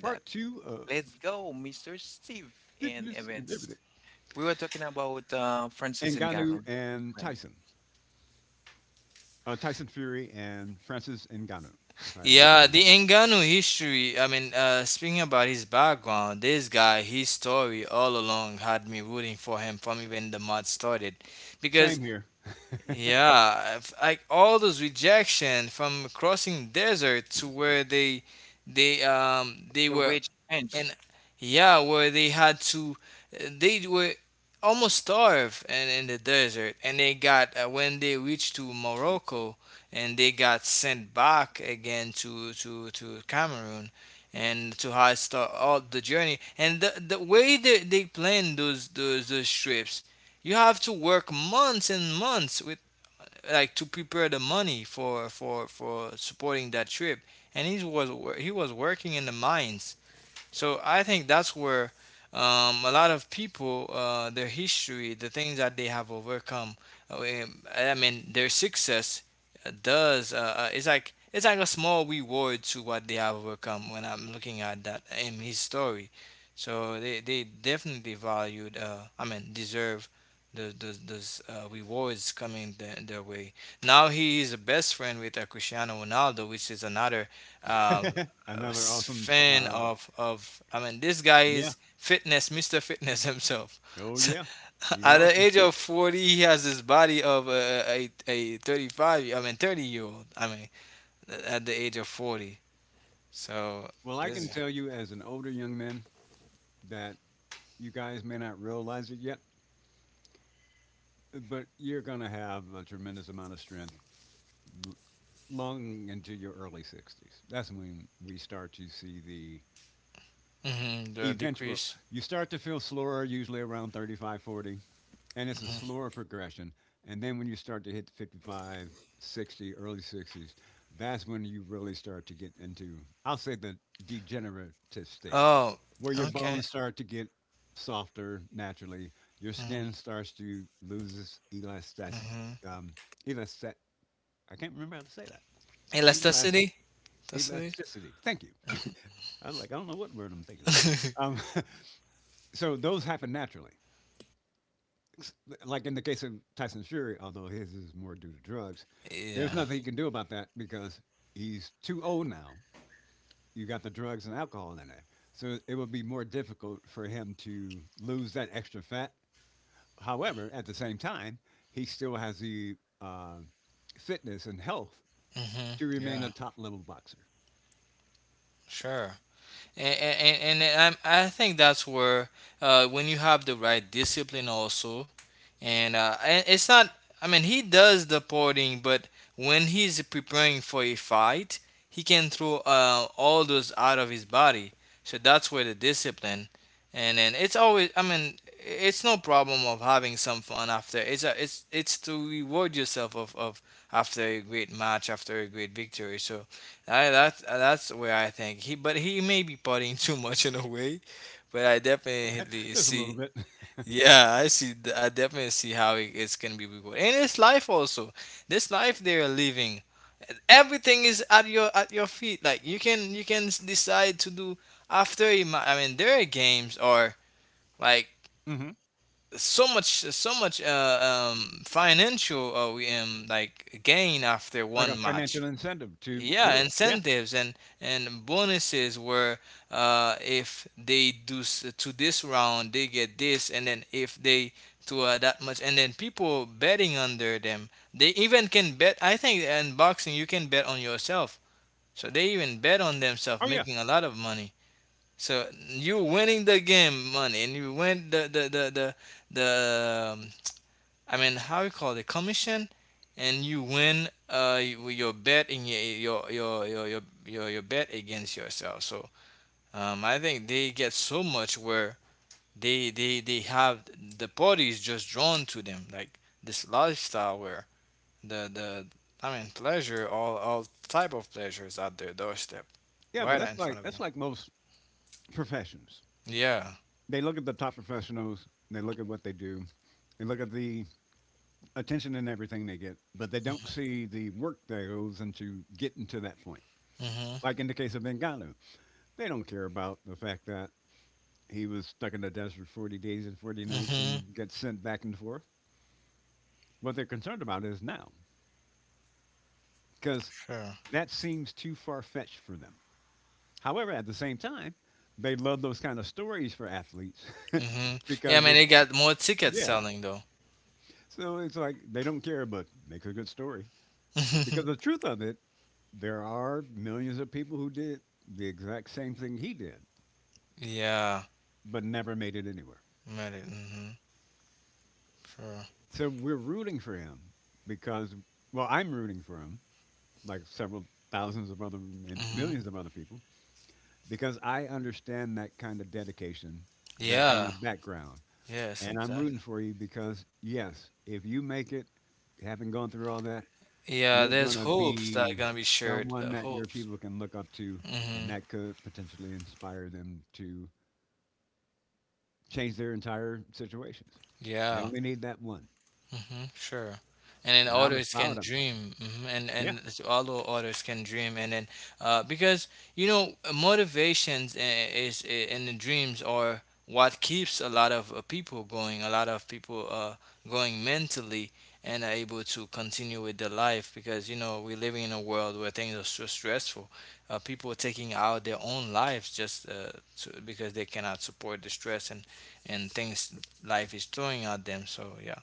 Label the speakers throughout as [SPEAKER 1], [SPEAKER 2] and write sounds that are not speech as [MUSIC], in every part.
[SPEAKER 1] Part two of fitness and everything. Ngannou and Tyson. Tyson Fury and Francis Ngannou, if I remember
[SPEAKER 2] Yeah,
[SPEAKER 1] the
[SPEAKER 2] the
[SPEAKER 1] name.
[SPEAKER 2] Engano history. Speaking about his background, this guy, his story all along had me rooting for him from even the mod started, because
[SPEAKER 1] Same here.
[SPEAKER 2] yeah, like all those rejection from crossing desert to where they, they um they were and yeah, where they had to, they were almost starved and in the desert, and they got when they reached to Morocco, and they got sent back again to Cameroon, and to how start all the journey, and the way they plan those trips. You have to work months and months with like to prepare the money for supporting that trip. And he was working in the mines, so I think that's where a lot of people, their history, the things that they have overcome, their success does. It's like a small reward to what they have overcome. When I'm looking at that in his story, so they definitely valued. Deserve those, those rewards coming their way. Now he is best friend with Cristiano Ronaldo, which is another uh, a
[SPEAKER 1] Another awesome.
[SPEAKER 2] fan of this guy
[SPEAKER 1] Yeah.
[SPEAKER 2] is fitness, Mr. Fitness himself.
[SPEAKER 1] Oh, yeah.
[SPEAKER 2] [LAUGHS]
[SPEAKER 1] He's
[SPEAKER 2] At the
[SPEAKER 1] awesome.
[SPEAKER 2] age of 40, he has this body of a, a 35, I mean 30-year-old. I mean at the age of 40. So
[SPEAKER 1] Well, I can
[SPEAKER 2] this
[SPEAKER 1] tell you as an older young man that you guys may not realize it yet, but you're going to have a tremendous amount of strength l- long into your early 60s. That's when we start to see the
[SPEAKER 2] mhm, the
[SPEAKER 1] eventual.
[SPEAKER 2] decrease.
[SPEAKER 1] You start to feel slower usually around 35, 40, and it's a
[SPEAKER 2] Mhm.
[SPEAKER 1] slower progression. And then when you start to hit 55, 60, early 60s, that's when you really start to get into, I'll say, the degenerative state,
[SPEAKER 2] Oh,
[SPEAKER 1] where your
[SPEAKER 2] okay.
[SPEAKER 1] bones start to get softer naturally, your
[SPEAKER 2] Mm-hmm,
[SPEAKER 1] skin starts to lose its elastic,
[SPEAKER 2] mm-hmm.
[SPEAKER 1] um, elastic. I can't remember how to say that. Elas-
[SPEAKER 2] Elasticity? Elasticity?
[SPEAKER 1] elasticity. Thank you. I was like, I don't know what word I'm thinking of.
[SPEAKER 2] [LAUGHS]
[SPEAKER 1] Um, [LAUGHS] so those happen naturally, like in the case of Tyson Fury, although his is more due to drugs, there's
[SPEAKER 2] Yeah.
[SPEAKER 1] nothing you can do about that because he's too old now. You got the drugs and alcohol in there. So it would be more difficult for him to lose that extra fat. However, at the same time, he still has the uh, fitness and health
[SPEAKER 2] Hmm.
[SPEAKER 1] to remain a
[SPEAKER 2] Yeah.
[SPEAKER 1] top level boxer.
[SPEAKER 2] Sure. I think that's where when you have the right discipline also, and it's not, I mean, he does the porting, but when he's preparing for a fight, he can throw all those out of his body. So that's where the discipline, and then it's always, I mean, it's no problem of having some fun after. It's it's to reward yourself of after a great match, after a great victory. So I, that's where I think he, but he may be partying [LAUGHS] too much in a way, but I definitely
[SPEAKER 1] Just a little
[SPEAKER 2] see.
[SPEAKER 1] bit.
[SPEAKER 2] Yeah, I see. I definitely see how it's gonna be rewarded, and it's life also. This life they're living, everything is at your feet. Like you can decide to do after. You might, I mean, their games are like
[SPEAKER 1] [LAUGHS] Hmm.
[SPEAKER 2] so much so much financial like gain after
[SPEAKER 1] Like a
[SPEAKER 2] one match.
[SPEAKER 1] financial incentive to
[SPEAKER 2] Yeah,
[SPEAKER 1] do it. Yeah.
[SPEAKER 2] incentives, and bonuses where if they do to this round, they get this, and then if they to that much, and then people betting under them, they even can bet. I think in boxing you can bet on yourself, so they even bet on themselves,
[SPEAKER 1] Oh, yeah.
[SPEAKER 2] making a lot of money. So you winning the game money, and you win the um, how you call it, commission, and you win your bet in your bet against yourself. So I think they get so much where they have the parties just drawn to them, like this lifestyle where the I mean pleasure, all type of pleasures at their doorstep,
[SPEAKER 1] Yeah, but
[SPEAKER 2] right
[SPEAKER 1] that's
[SPEAKER 2] in front
[SPEAKER 1] like
[SPEAKER 2] of
[SPEAKER 1] that's
[SPEAKER 2] them.
[SPEAKER 1] like most professions.
[SPEAKER 2] Yeah.
[SPEAKER 1] They look at the top professionals, they look at what they do, they look at the attention and everything they get, but they don't see the work that goes into getting to that point.
[SPEAKER 2] Mhm.
[SPEAKER 1] Like in the case of Ngannou, they don't care about the fact that he was stuck in the desert 40 days and 40 nights
[SPEAKER 2] Mhm.
[SPEAKER 1] and gets sent back and forth. What they're concerned about is now, because
[SPEAKER 2] Sure.
[SPEAKER 1] that seems too far fetched for them. However, at the same time, they love those kind of stories for athletes [LAUGHS]
[SPEAKER 2] Mhm. Yeah, I
[SPEAKER 1] because
[SPEAKER 2] mean
[SPEAKER 1] it,
[SPEAKER 2] they got more tickets
[SPEAKER 1] yeah.
[SPEAKER 2] selling though.
[SPEAKER 1] So it's like they don't care, but makes a good story. Because the
[SPEAKER 2] [LAUGHS]
[SPEAKER 1] truth of it, there are millions of people who did the exact same thing he did,
[SPEAKER 2] Yeah.
[SPEAKER 1] but never made it anywhere.
[SPEAKER 2] Medic. Mm-hmm. Sure.
[SPEAKER 1] So we're rooting for him because, well, I'm rooting for him, like several thousands of other and
[SPEAKER 2] Mm-hmm.
[SPEAKER 1] millions of other people, because I understand that kind of dedication, that kind
[SPEAKER 2] Yeah.
[SPEAKER 1] of background.
[SPEAKER 2] Yes,
[SPEAKER 1] And I'm
[SPEAKER 2] exactly.
[SPEAKER 1] rooting for you because, yes, if you make it, having gone through all that,
[SPEAKER 2] Yeah,
[SPEAKER 1] you're
[SPEAKER 2] there's
[SPEAKER 1] gonna
[SPEAKER 2] hopes that are
[SPEAKER 1] be
[SPEAKER 2] gonna be shared.
[SPEAKER 1] someone that your
[SPEAKER 2] Hopes.
[SPEAKER 1] people can look up to,
[SPEAKER 2] Mm-hmm.
[SPEAKER 1] and that could potentially inspire them to change their entire situations. They
[SPEAKER 2] Yeah.
[SPEAKER 1] only need that one,
[SPEAKER 2] Hmm. Sure. And then
[SPEAKER 1] and I was
[SPEAKER 2] others can
[SPEAKER 1] proud of him.
[SPEAKER 2] dream, hmm,
[SPEAKER 1] Yeah.
[SPEAKER 2] although others can dream, and then because motivations and the dreams are what keeps a lot of people going, a lot of people going mentally, and are able to continue with their life, because you know we're living in a world where things are so stressful. People are taking out their own lives just because they cannot support the stress and things life is throwing at them. So yeah.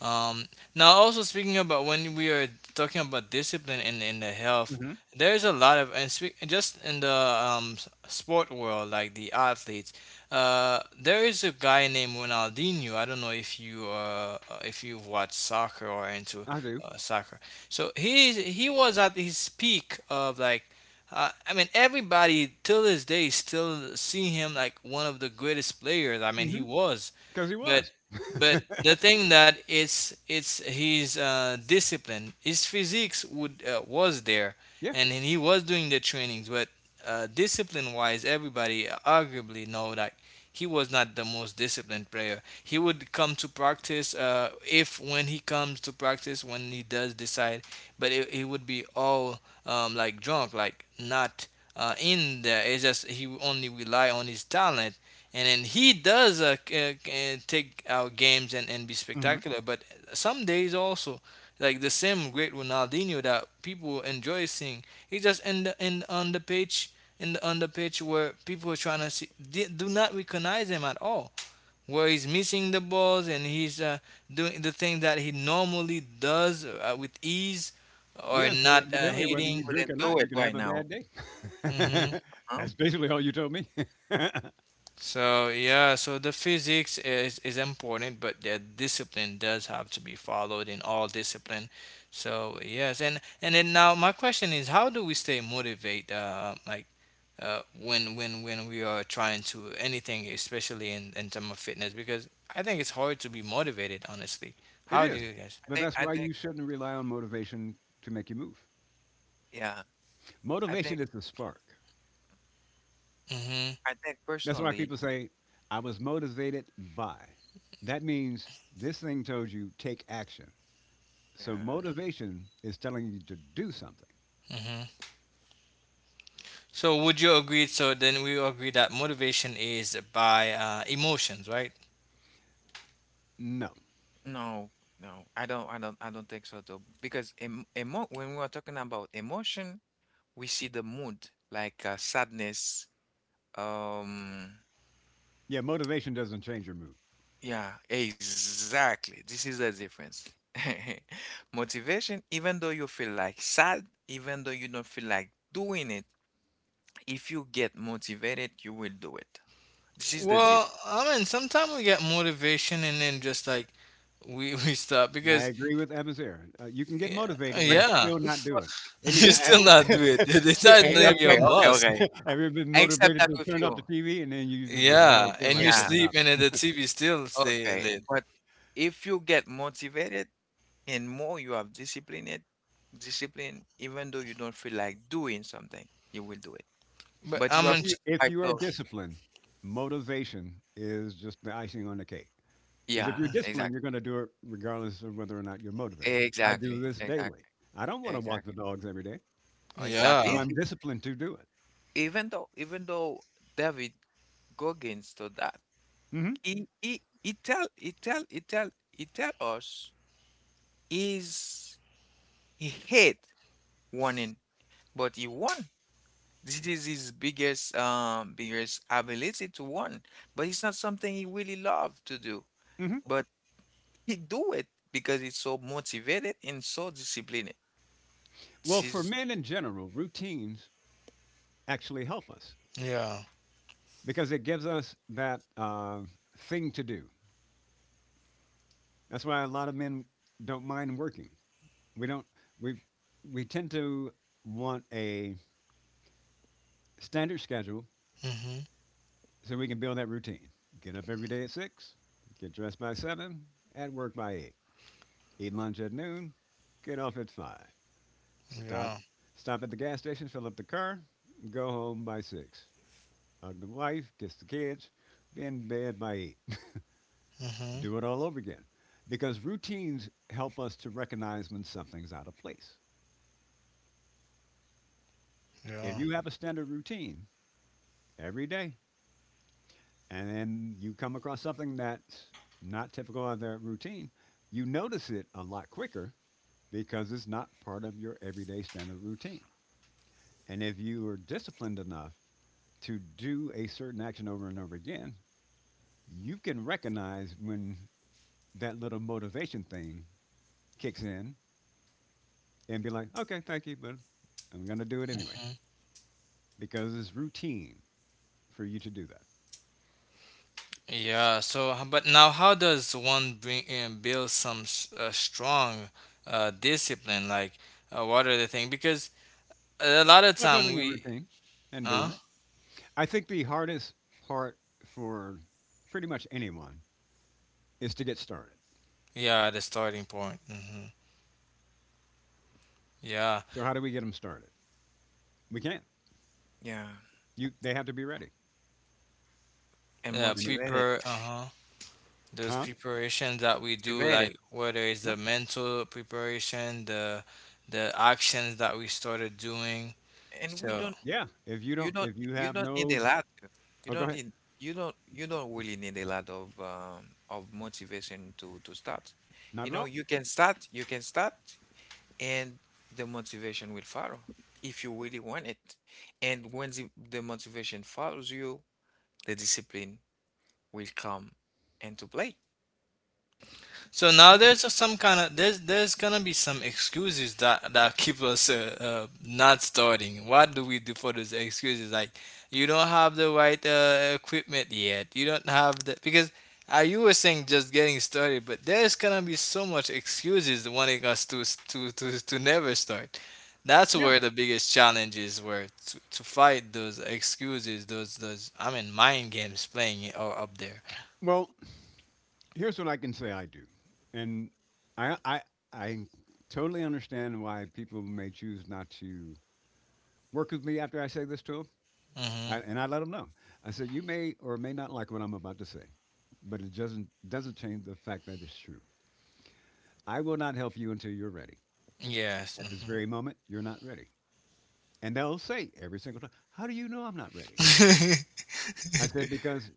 [SPEAKER 2] Um, Now, also speaking about when we are talking about discipline in the health,
[SPEAKER 1] Mhm.
[SPEAKER 2] there is a lot of and speak, just in the sport world, like the athletes. There is a guy named Ronaldinho. I don't know if you if you've watched soccer or into
[SPEAKER 1] I do.
[SPEAKER 2] soccer. So he was at his peak of like. Everybody till this day still see him like one of the greatest players. I mean, he
[SPEAKER 1] Mhm.
[SPEAKER 2] was,
[SPEAKER 1] Because he
[SPEAKER 2] but
[SPEAKER 1] was.
[SPEAKER 2] the thing that it's his discipline, his physiques would was there,
[SPEAKER 1] Yeah.
[SPEAKER 2] and he was doing the trainings. But discipline wise, everybody arguably know that he was not the most disciplined player. He would come to practice if when he comes to practice, when he does decide, but it would be all like drunk, like not in there. It's just he only rely on his talent, and then he does take our games and be
[SPEAKER 1] Mhm.
[SPEAKER 2] spectacular. But some days also, like the same great Ronaldinho that people enjoy seeing, he just in the in on the pitch, in the on the pitch, where people are trying to do not recognize him at all. Where he's missing the balls and he's doing the thing that he normally does with ease, or
[SPEAKER 1] Yeah. So
[SPEAKER 2] not
[SPEAKER 1] evidently, whether
[SPEAKER 2] hitting.
[SPEAKER 1] you drink or not, you can have a bad day. [LAUGHS] That's basically all you told me. [LAUGHS]
[SPEAKER 2] So yeah, so the physics is important, but the discipline does have to be followed in all discipline. So yes, and then now my question is, how do we stay motivated? When we are trying to anything, especially in terms of fitness, because I think it's hard to be motivated, honestly. How
[SPEAKER 1] It
[SPEAKER 2] do
[SPEAKER 1] is,
[SPEAKER 2] you guys?
[SPEAKER 1] but that's why you shouldn't rely on motivation to make you move. Motivation is the spark.
[SPEAKER 2] Mm-hmm.
[SPEAKER 1] That's why people say, I was motivated by. That means this thing told you take action. So motivation is telling you to do something.
[SPEAKER 2] Mm-hmm. So would you agree? So then we agree that motivation is by emotions, right?
[SPEAKER 1] No. Yeah, motivation doesn't change your mood.
[SPEAKER 2] Well, I mean, sometimes we get motivation and then just like we [LAUGHS] we stop
[SPEAKER 1] I
[SPEAKER 2] because
[SPEAKER 1] agree with Evans here. You can get
[SPEAKER 2] yeah,
[SPEAKER 1] motivated and
[SPEAKER 2] yeah.
[SPEAKER 1] still not do it.
[SPEAKER 2] [LAUGHS] You
[SPEAKER 1] Anytime,
[SPEAKER 2] still not
[SPEAKER 1] I-
[SPEAKER 2] do it.
[SPEAKER 1] [LAUGHS]
[SPEAKER 2] [LAUGHS] It's not
[SPEAKER 1] have you
[SPEAKER 2] even
[SPEAKER 1] ever
[SPEAKER 2] your
[SPEAKER 1] gotten,
[SPEAKER 2] must.
[SPEAKER 1] [LAUGHS] Have you ever been motivated to turn off the TV and then you just like, I don't
[SPEAKER 2] Yeah,
[SPEAKER 1] feel
[SPEAKER 2] and
[SPEAKER 1] like
[SPEAKER 2] you
[SPEAKER 1] getting
[SPEAKER 2] sleep
[SPEAKER 1] up.
[SPEAKER 2] and then the TV still stay lit. But I'm
[SPEAKER 1] If
[SPEAKER 2] in.
[SPEAKER 1] you if you are disciplined, motivation is just the icing on the cake. Because if you're disciplined, you're going to do it regardless of whether or not you're motivated. I do this daily. I don't want to walk the dogs every day, but
[SPEAKER 2] Yeah,
[SPEAKER 1] I'm disciplined to do it. Hmm. Hmm. Well, for men in general, routines actually help us
[SPEAKER 2] yeah,
[SPEAKER 1] because it gives us that thing to do. That's why a lot of men don't mind working. We don't. We we tend to want a standard schedule
[SPEAKER 2] mhm,
[SPEAKER 1] so we can build that routine. Get up every day at 6. Get dressed by 7. At work by 8. Eat lunch at noon, get off at 5. Stop
[SPEAKER 2] yeah,
[SPEAKER 1] stop at the gas station, fill up the car, go home by 6. Hug the wife, kiss the kids, be in bed by 8.
[SPEAKER 2] mhm,
[SPEAKER 1] Do it all over again. Because routines help us to recognize when something's out of place. If
[SPEAKER 2] yeah,
[SPEAKER 1] you have a standard routine every day and then you come across something that's not typical of that routine, you notice it a lot quicker because it's not part of your everyday standard routine. And if you are disciplined enough to do a certain action over and over again, you can recognize when that little motivation thing kicks in and be like, okay, thank you, but I'm going to do it anyway
[SPEAKER 2] mhm.
[SPEAKER 1] because it's routine for you to do that.
[SPEAKER 2] Yeah. But now, how does one bring and build some strong discipline? Like, what are the things? Because a lot of
[SPEAKER 1] By
[SPEAKER 2] time
[SPEAKER 1] building a
[SPEAKER 2] we.
[SPEAKER 1] routine and
[SPEAKER 2] Huh?
[SPEAKER 1] doing it. I think the hardest part for pretty much anyone is to get started.
[SPEAKER 2] Yeah, the starting point. Hmm. Yeah.
[SPEAKER 1] So how do we get them started? We can't. You they have to be ready.
[SPEAKER 2] Yeah,
[SPEAKER 1] And it-
[SPEAKER 2] prepare. Uh-huh. Those
[SPEAKER 1] huh?
[SPEAKER 2] preparations that we do, like whether it's
[SPEAKER 1] Yeah.
[SPEAKER 2] the mental preparation, the actions that we started doing. So.
[SPEAKER 1] Yeah. If you don't, if you have no, Oh, go ahead. Not at all.
[SPEAKER 2] So now some kind of there's gonna be some excuses that that keep us not starting. What do we do for those excuses? Like, you don't have the right equipment yet. You don't have the because you were saying just getting started, but there's gonna be so much excuses wanting us to to never start. That's
[SPEAKER 1] Yeah.
[SPEAKER 2] where the biggest challenge is, where to fight those excuses, those I mean mind games playing are up there.
[SPEAKER 1] Well, here's what I can say I do, and I I I totally understand why people may choose not to work with me after I say this to them,
[SPEAKER 2] Mm-hmm.
[SPEAKER 1] and I let them know. I said you may or may not like what I'm about to say, but it doesn't change the fact that it's true. I will not help you until you're ready.
[SPEAKER 2] Yes.
[SPEAKER 1] At this very moment, you're not ready, and they'll say every single time, "How do you know I'm not ready?"
[SPEAKER 2] Hmm. [LAUGHS]
[SPEAKER 1] I said because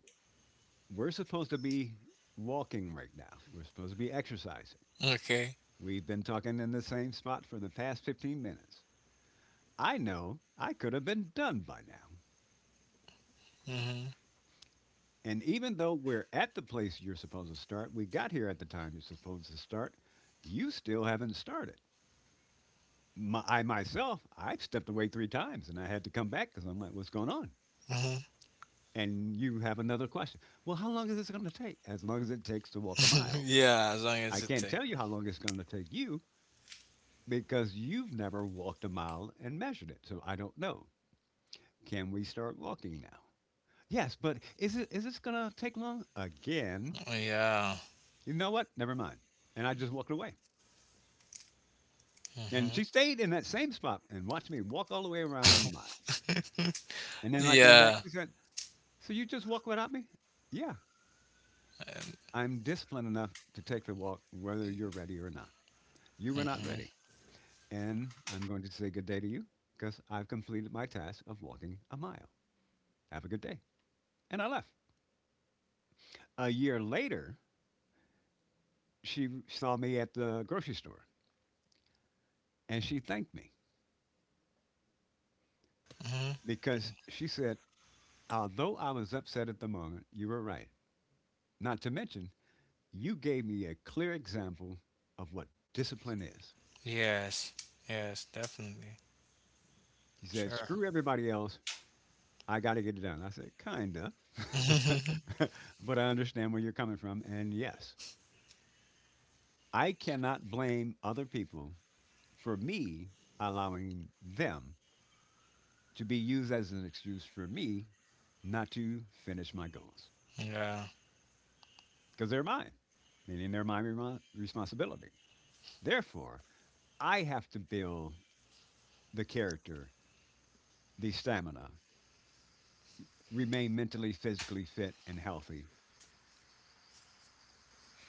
[SPEAKER 1] we're supposed to be walking right now. We're supposed to be exercising.
[SPEAKER 2] Okay.
[SPEAKER 1] We've been talking in the same spot for the past 15 minutes. I know I could have been done by now.
[SPEAKER 2] Mhm.
[SPEAKER 1] And even though we're at the place you're supposed to start, we got here at the time you're supposed to start, you still haven't started. I myself, I've stepped away three times and I had to come back because I'm like, what's going on?
[SPEAKER 2] Mhm.
[SPEAKER 1] And you have another question. Well, how long is this going to take? As long as it takes to walk a
[SPEAKER 2] [LAUGHS]
[SPEAKER 1] mile.
[SPEAKER 2] Yeah, as long
[SPEAKER 1] I
[SPEAKER 2] as it
[SPEAKER 1] can't
[SPEAKER 2] takes.
[SPEAKER 1] tell you how long it's going to take you because you've never walked a mile and measured it. So I don't know. Can we start walking now? Yes, but is this gonna take long again?
[SPEAKER 2] Yeah.
[SPEAKER 1] You know what? Never mind. And I just walked away. And she
[SPEAKER 2] Mhm.
[SPEAKER 1] stayed in that same spot and watched me walk all the way around in the mile. And then when I came back,
[SPEAKER 2] Yeah.
[SPEAKER 1] she said, "So you just walk without me?" Yeah,
[SPEAKER 2] And,
[SPEAKER 1] I'm disciplined enough to take the walk whether you're ready or not. You were not
[SPEAKER 2] mhm.
[SPEAKER 1] ready, and I'm going to say good day to you because I've completed my task of walking a mile. Have a good day. And I left. A year later, she saw me at the grocery store and she thanked me
[SPEAKER 2] Mhm.
[SPEAKER 1] because she said, "Although I was upset at the moment, you were right. Not to mention, you gave me a clear example of what discipline is."
[SPEAKER 2] Yes. Yes, definitely.
[SPEAKER 1] You said,
[SPEAKER 2] Sure.
[SPEAKER 1] screw everybody else. I got to get it done. I said, kinda.
[SPEAKER 2] [LAUGHS] Yeah.
[SPEAKER 1] [LAUGHS] But I understand where you're coming from. And yes, I cannot blame other people for me allowing them to be used as an excuse for me not to finish my goals
[SPEAKER 2] Mm-hmm.
[SPEAKER 1] because they're mine, meaning they're my responsibility. Therefore, I have to build the character, the stamina, remain mentally, physically fit, and healthy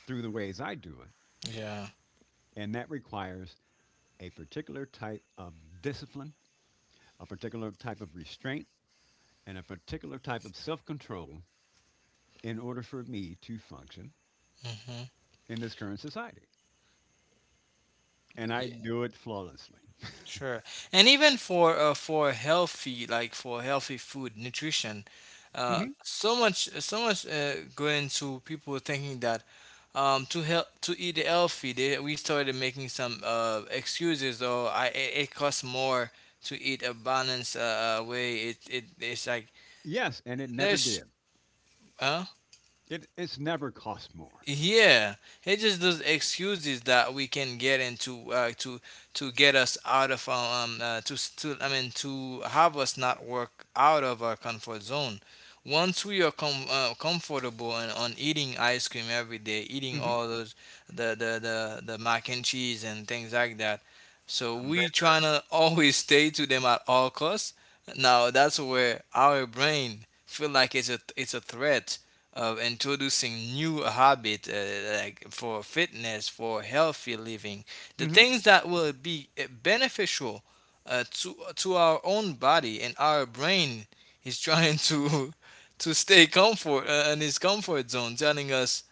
[SPEAKER 1] through the ways I do it.
[SPEAKER 2] Yeah.
[SPEAKER 1] And that requires a particular type of discipline, a particular type of restraint, and a particular type of self control in order for me to function
[SPEAKER 2] Mhm.
[SPEAKER 1] in this current society. And I do it flawlessly.
[SPEAKER 2] Sure. And even for healthy, like for healthy food nutrition,
[SPEAKER 1] Hmm.
[SPEAKER 2] so much going to people thinking that to help to eat healthy, we started making some excuses or I it, it costs more to eat a balanced way. It it's like
[SPEAKER 1] Yes, and it never
[SPEAKER 2] there's.
[SPEAKER 1] did.
[SPEAKER 2] Huh?
[SPEAKER 1] It's never cost more.
[SPEAKER 2] Yeah, it just those excuses that we can get into to get us out of our, to s- to I mean to have us not work out of our comfort zone. Once we are comfortable and on eating ice cream every day, eating all those the mac and cheese and things like that, so we trying to [LAUGHS] always stay to them at all costs. Now that's where our brain feel like it's a threat of introducing new habit, like for fitness, for healthy living, the things that will be beneficial to our own body, and our brain is trying to [LAUGHS] to stay comfort in his comfort zone, telling us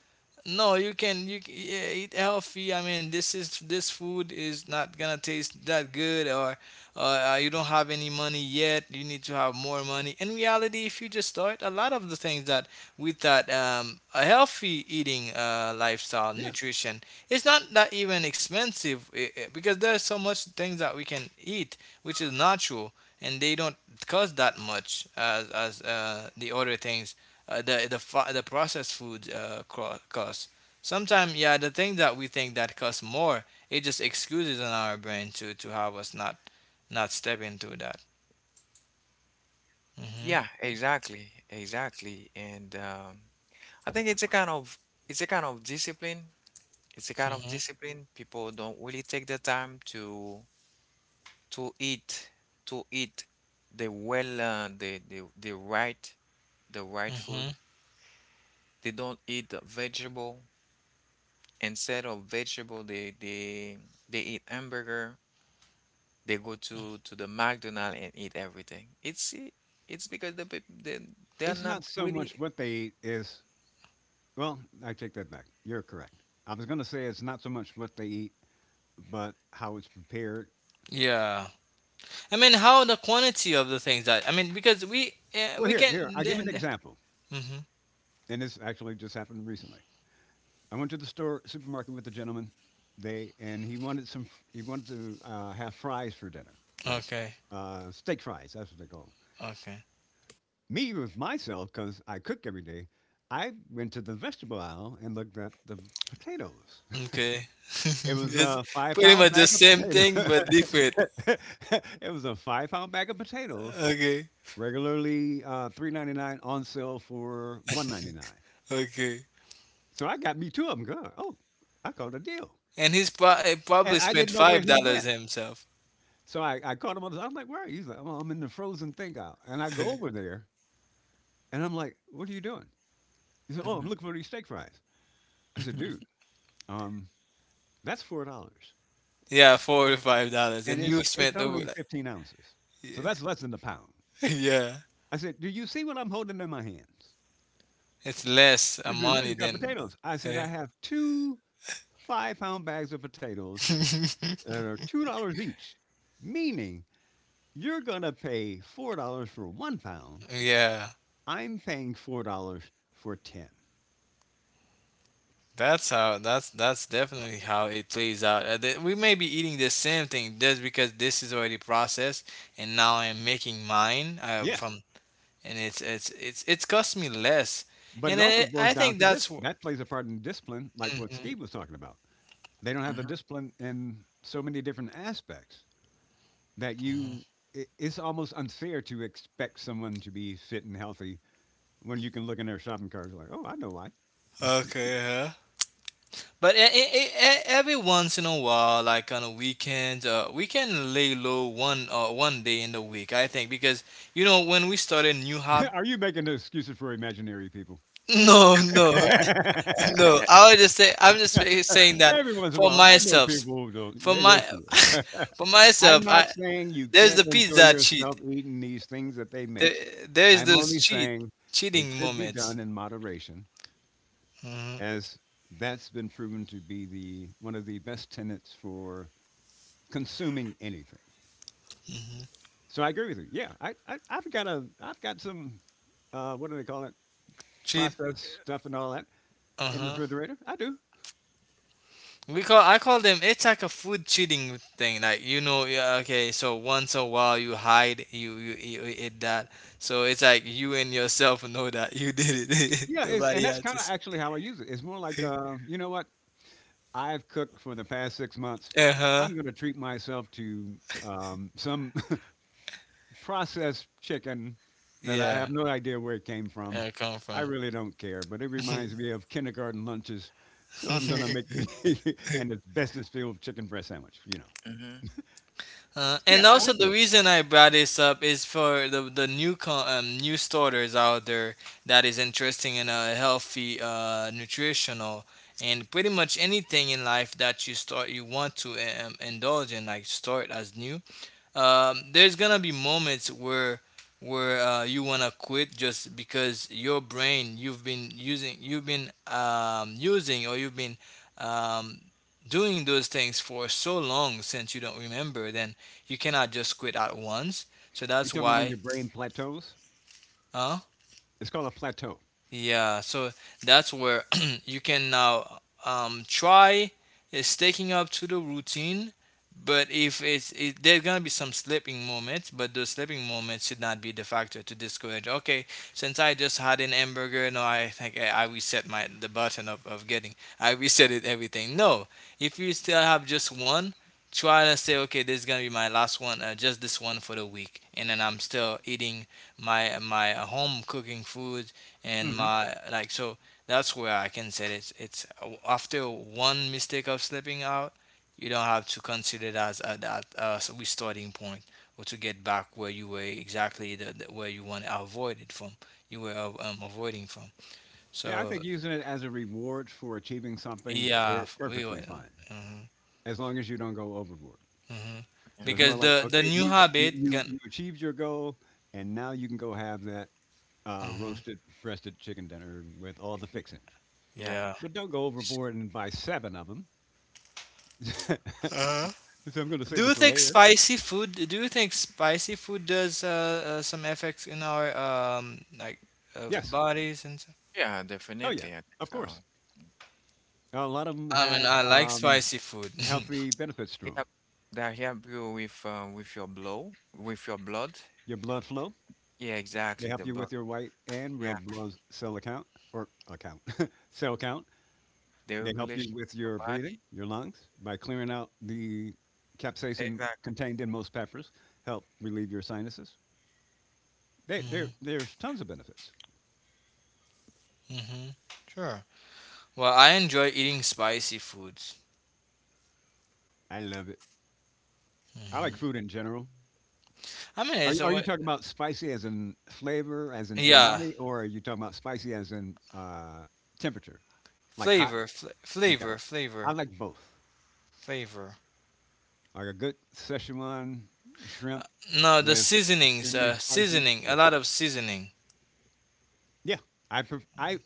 [SPEAKER 2] no, you can you c- yeah, eat healthy. I mean, this is this food is not gonna taste that good, or you don't have any money yet. You need to have more money. In reality, if you just start, a lot of the things that with that a healthy eating lifestyle,
[SPEAKER 1] Yeah.
[SPEAKER 2] nutrition, it's not that even expensive because there's so much things that we can eat which is natural and they don't cost that much as as the other things, the the processed food costs. Sometimes, yeah, the thing that we think that costs more, it just excuses in our brain to have us not step into that. Mm-hmm, mm-hmm, mm-hmm.
[SPEAKER 1] It's not so much what they eat is, well, I take that back. You're correct. I was going to say it's not so much what they eat but how it's prepared.
[SPEAKER 2] Yeah, I mean, how the quantity of the things that, I mean, because we, yeah,
[SPEAKER 1] Well,
[SPEAKER 2] we can.
[SPEAKER 1] I'll give an
[SPEAKER 2] Mm-hmm.
[SPEAKER 1] example. And this actually just happened recently. I went to the store supermarket with a gentleman. They and he wanted some. He wanted to have fries for dinner, like
[SPEAKER 2] Okay,
[SPEAKER 1] steak fries. That's what they call 'em.
[SPEAKER 2] okay,
[SPEAKER 1] Me with myself, because I cook every day. I went to the vegetable aisle and looked at the potatoes. [LAUGHS]
[SPEAKER 2] okay. [LAUGHS]
[SPEAKER 1] It was
[SPEAKER 2] it's
[SPEAKER 1] a five
[SPEAKER 2] pretty
[SPEAKER 1] pound
[SPEAKER 2] much the
[SPEAKER 1] bag of
[SPEAKER 2] same
[SPEAKER 1] potatoes.
[SPEAKER 2] thing but different.
[SPEAKER 1] [LAUGHS] It was a 5-pound bag of potatoes.
[SPEAKER 2] Okay,
[SPEAKER 1] Regularly 3.99 on sale for 1.99.
[SPEAKER 2] okay.
[SPEAKER 1] So I got me two of them. Going, oh, I caught a deal,
[SPEAKER 2] And he's
[SPEAKER 1] and
[SPEAKER 2] probably
[SPEAKER 1] I
[SPEAKER 2] spent
[SPEAKER 1] didn't know where
[SPEAKER 2] five
[SPEAKER 1] he
[SPEAKER 2] dollars
[SPEAKER 1] went.
[SPEAKER 2] himself.
[SPEAKER 1] So I caught him on I'm like, where are you? He's like, oh, I'm in the frozen thing out. And I go
[SPEAKER 2] [LAUGHS]
[SPEAKER 1] over there, and I'm like, what are you doing? He said, oh, I'm looking for these steak fries. I said, dude, um, that's $4,
[SPEAKER 2] Yeah, $4 to $5,
[SPEAKER 1] and
[SPEAKER 2] and you
[SPEAKER 1] it's
[SPEAKER 2] spent over,
[SPEAKER 1] only
[SPEAKER 2] like,
[SPEAKER 1] 15 ounces, so
[SPEAKER 2] yeah,
[SPEAKER 1] that's less than a pound.
[SPEAKER 2] [LAUGHS] yeah.
[SPEAKER 1] I said, do you see what I'm holding in my hands?
[SPEAKER 2] It's less
[SPEAKER 1] He said, yeah,
[SPEAKER 2] money
[SPEAKER 1] you got
[SPEAKER 2] than
[SPEAKER 1] potatoes. I said,
[SPEAKER 2] uh,
[SPEAKER 1] I have 2 five-pound bags of potatoes that are $2 each, meaning you're going to pay $4 for 1 pound.
[SPEAKER 2] [LAUGHS] yeah.
[SPEAKER 1] I'm paying $4 for 10.
[SPEAKER 2] That's how. That's definitely how it plays out. We may be eating the same thing just because this is already processed, and now I'm making mine
[SPEAKER 1] Yes,
[SPEAKER 2] from, and it's cost me less,
[SPEAKER 1] but
[SPEAKER 2] and
[SPEAKER 1] it also
[SPEAKER 2] I
[SPEAKER 1] boils
[SPEAKER 2] I
[SPEAKER 1] down
[SPEAKER 2] think
[SPEAKER 1] to this.
[SPEAKER 2] that's.
[SPEAKER 1] That plays a part in discipline, like what
[SPEAKER 2] Mhm.
[SPEAKER 1] Steve was talking about. They don't have the discipline in so many different aspects that you. It's almost unfair to expect someone to be fit and healthy when you can look in their shopping carts like, oh, I know why.
[SPEAKER 2] Okay. Huh? But every once in a while, like on a weekend, we can lay low one day in the week. I think because, you know, when we started new hobby.
[SPEAKER 1] [LAUGHS] Are you making excuses for imaginary people?
[SPEAKER 2] [LAUGHS] No, [LAUGHS] no.
[SPEAKER 1] [LAUGHS]
[SPEAKER 2] I would just say I'm just saying that
[SPEAKER 1] Every once in a
[SPEAKER 2] for
[SPEAKER 1] while, I know
[SPEAKER 2] myself,
[SPEAKER 1] people who don't.
[SPEAKER 2] for
[SPEAKER 1] Yeah,
[SPEAKER 2] my
[SPEAKER 1] yes, you are.
[SPEAKER 2] [LAUGHS]
[SPEAKER 1] [LAUGHS]
[SPEAKER 2] for
[SPEAKER 1] I'm
[SPEAKER 2] myself.
[SPEAKER 1] not
[SPEAKER 2] I
[SPEAKER 1] saying you
[SPEAKER 2] there's the
[SPEAKER 1] can't enjoy
[SPEAKER 2] pizza cheat.
[SPEAKER 1] yourself eating these things that they
[SPEAKER 2] There,
[SPEAKER 1] make.
[SPEAKER 2] there is
[SPEAKER 1] I'm
[SPEAKER 2] those
[SPEAKER 1] only saying it
[SPEAKER 2] cheating
[SPEAKER 1] should be
[SPEAKER 2] moments.
[SPEAKER 1] done in moderation,
[SPEAKER 2] Hmm.
[SPEAKER 1] as that's been proven to be the one of the best tenets for consuming anything. So I agree with you. Yeah, I've got some what do they call it?
[SPEAKER 2] Cheat.
[SPEAKER 1] Processed stuff and all that
[SPEAKER 2] Uh
[SPEAKER 1] in the
[SPEAKER 2] huh.
[SPEAKER 1] refrigerator. I do.
[SPEAKER 2] We call I call them. It's like a food cheating thing. Like, you know, yeah, okay. So once a while you hide, you eat that. So it's like you and yourself know that you did it. [LAUGHS]
[SPEAKER 1] Yeah, and
[SPEAKER 2] Nobody
[SPEAKER 1] that's
[SPEAKER 2] else.
[SPEAKER 1] kind of
[SPEAKER 2] To
[SPEAKER 1] actually how I use it. It's more like, you know what? I've cooked for the past 6 months.
[SPEAKER 2] [LAUGHS] uh huh.
[SPEAKER 1] I'm going to treat myself to some [LAUGHS] processed chicken that I
[SPEAKER 2] Yeah.
[SPEAKER 1] have no idea where it came from.
[SPEAKER 2] I come
[SPEAKER 1] I
[SPEAKER 2] from.
[SPEAKER 1] really don't care, but it reminds me of kindergarten lunches. So I'm going to make me [LAUGHS] an
[SPEAKER 2] [LAUGHS]
[SPEAKER 1] asbestos-filled chicken breast sandwich.
[SPEAKER 2] And
[SPEAKER 1] Yeah, I
[SPEAKER 2] also
[SPEAKER 1] had
[SPEAKER 2] the
[SPEAKER 1] those.
[SPEAKER 2] reason I brought this up is for the new new starters out there that is interested in a healthy nutritional and pretty much anything in life that you start you want to indulge in, like, start as new, there's gonna be moments where you wanna quit just because your brain you've been using, you've been using, or you've been um, doing those things for so long since you don't remember. Then you cannot just quit at once, so
[SPEAKER 1] You
[SPEAKER 2] that's
[SPEAKER 1] talking about when
[SPEAKER 2] why.
[SPEAKER 1] your brain plateaus?
[SPEAKER 2] Huh.
[SPEAKER 1] It's called a plateau.
[SPEAKER 2] Yeah, so that's where [CLEARS THROAT] you can now try sticking up to the routine. But if it's it, there's gonna be some slipping moments, but those slipping moments should not be the factor to discourage. Okay, since I just had an hamburger, no, I think I reset my the button of getting. I reset it everything. No, if you still have just one, try to say okay, this is gonna be my last one, just this one for the week, and then I'm still eating my home cooking food and
[SPEAKER 1] Hmm.
[SPEAKER 2] my like so that's where I can say it's after one mistake of slipping out, you don't have to consider it as a that as a restarting point or to get back where you were exactly the where you want to avoid it from you were avoiding from.
[SPEAKER 1] Yeah, I
[SPEAKER 2] So
[SPEAKER 1] think using it as a reward for achieving something
[SPEAKER 2] yeah,
[SPEAKER 1] is
[SPEAKER 2] we
[SPEAKER 1] perfectly
[SPEAKER 2] were
[SPEAKER 1] fine,
[SPEAKER 2] mhm,
[SPEAKER 1] as long as you don't go overboard.
[SPEAKER 2] mhm.
[SPEAKER 1] So it's
[SPEAKER 2] Because
[SPEAKER 1] more like,
[SPEAKER 2] the
[SPEAKER 1] okay,
[SPEAKER 2] new
[SPEAKER 1] you you
[SPEAKER 2] habit
[SPEAKER 1] you
[SPEAKER 2] can
[SPEAKER 1] you achieved your goal, and now you can go have that
[SPEAKER 2] mhm,
[SPEAKER 1] roasted breasted chicken dinner with all the fixings.
[SPEAKER 2] yeah.
[SPEAKER 1] But don't go overboard and buy seven of them. [LAUGHS] So I'm going to
[SPEAKER 2] Do
[SPEAKER 1] save
[SPEAKER 2] you
[SPEAKER 1] it for
[SPEAKER 2] think
[SPEAKER 1] later.
[SPEAKER 2] spicy food? Do you think spicy food does some effects in our like
[SPEAKER 1] Yes.
[SPEAKER 2] bodies and stuff?
[SPEAKER 1] Oh yeah. Of course. A lot of them
[SPEAKER 2] I mean, I
[SPEAKER 1] have
[SPEAKER 2] like spicy food.
[SPEAKER 1] healthy
[SPEAKER 2] [LAUGHS]
[SPEAKER 1] benefits to them. Your blood flow. They help you with your white and red blood cell account or account [LAUGHS] cell count. They help you with your breathing, your lungs, by clearing out the capsaicin contained in most peppers, help relieve your sinuses. They,
[SPEAKER 2] Hmm.
[SPEAKER 1] there, there's tons of benefits.
[SPEAKER 2] Hmm. Sure. Well, I enjoy eating spicy foods.
[SPEAKER 1] I love it. I like food in general.
[SPEAKER 2] I mean,
[SPEAKER 1] Are,
[SPEAKER 2] it's a
[SPEAKER 1] are you talking about spicy as in flavor, as in
[SPEAKER 2] yeah,
[SPEAKER 1] edamame, or are you talking about spicy as in temperature, like hot?
[SPEAKER 2] flavor,
[SPEAKER 1] Okay.
[SPEAKER 2] flavor,
[SPEAKER 1] I
[SPEAKER 2] flavor,
[SPEAKER 1] like both.
[SPEAKER 2] flavor.
[SPEAKER 1] Like a good Szechuan shrimp
[SPEAKER 2] No, the
[SPEAKER 1] with
[SPEAKER 2] seasonings,
[SPEAKER 1] extremely spicy.
[SPEAKER 2] seasoning, a
[SPEAKER 1] Yeah.
[SPEAKER 2] lot of seasoning.
[SPEAKER 1] Yeah. I, pref- I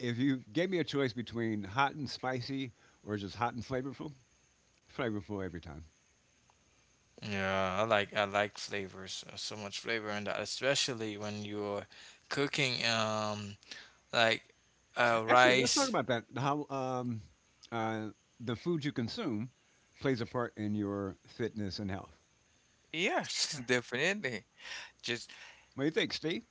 [SPEAKER 1] If you gave me a choice between hot and spicy or just hot and flavorful, flavorful every time.
[SPEAKER 2] Yeah, I like flavors. So much flavor in that, especially when you're cooking. Like
[SPEAKER 1] Actually, let's talk
[SPEAKER 2] rice.
[SPEAKER 1] about that. How uh, the food you consume plays a part in your fitness and health. What do you think, Steve?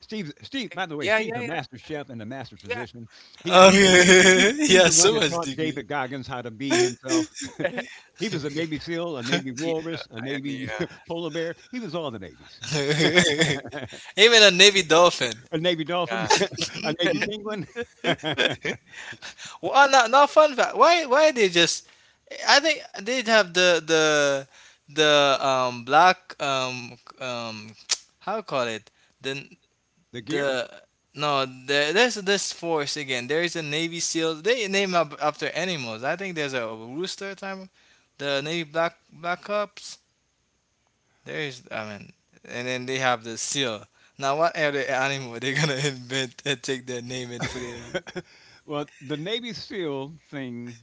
[SPEAKER 1] Steve, Steve. By the way, Steve's a master chef and a master physician.
[SPEAKER 2] Oh,
[SPEAKER 1] He,
[SPEAKER 2] [LAUGHS]
[SPEAKER 1] he's
[SPEAKER 2] yeah,
[SPEAKER 1] the one
[SPEAKER 2] so
[SPEAKER 1] that
[SPEAKER 2] much
[SPEAKER 1] taught
[SPEAKER 2] degree.
[SPEAKER 1] David Goggins how to be himself. He was a Navy SEAL, a Navy walrus, a Navy [LAUGHS] polar bear. He was all the navies.
[SPEAKER 2] [LAUGHS] Even a navy dolphin.
[SPEAKER 1] [LAUGHS] A Navy dolphin, [LAUGHS] a Navy penguin. [LAUGHS]
[SPEAKER 2] Well, not fun fact. Why they just? I think they'd have the black um [TSK] how call it the
[SPEAKER 1] The gear?
[SPEAKER 2] the no there, there's this force again. There is a navy seal. They name up after animals. I think there's a rooster time. The navy black, black Hawk. There is, I mean, and then they have the seal. Now, what other animal they're gonna [LAUGHS] invent and take their name and put it?
[SPEAKER 1] [LAUGHS] Well, the Navy SEAL thing,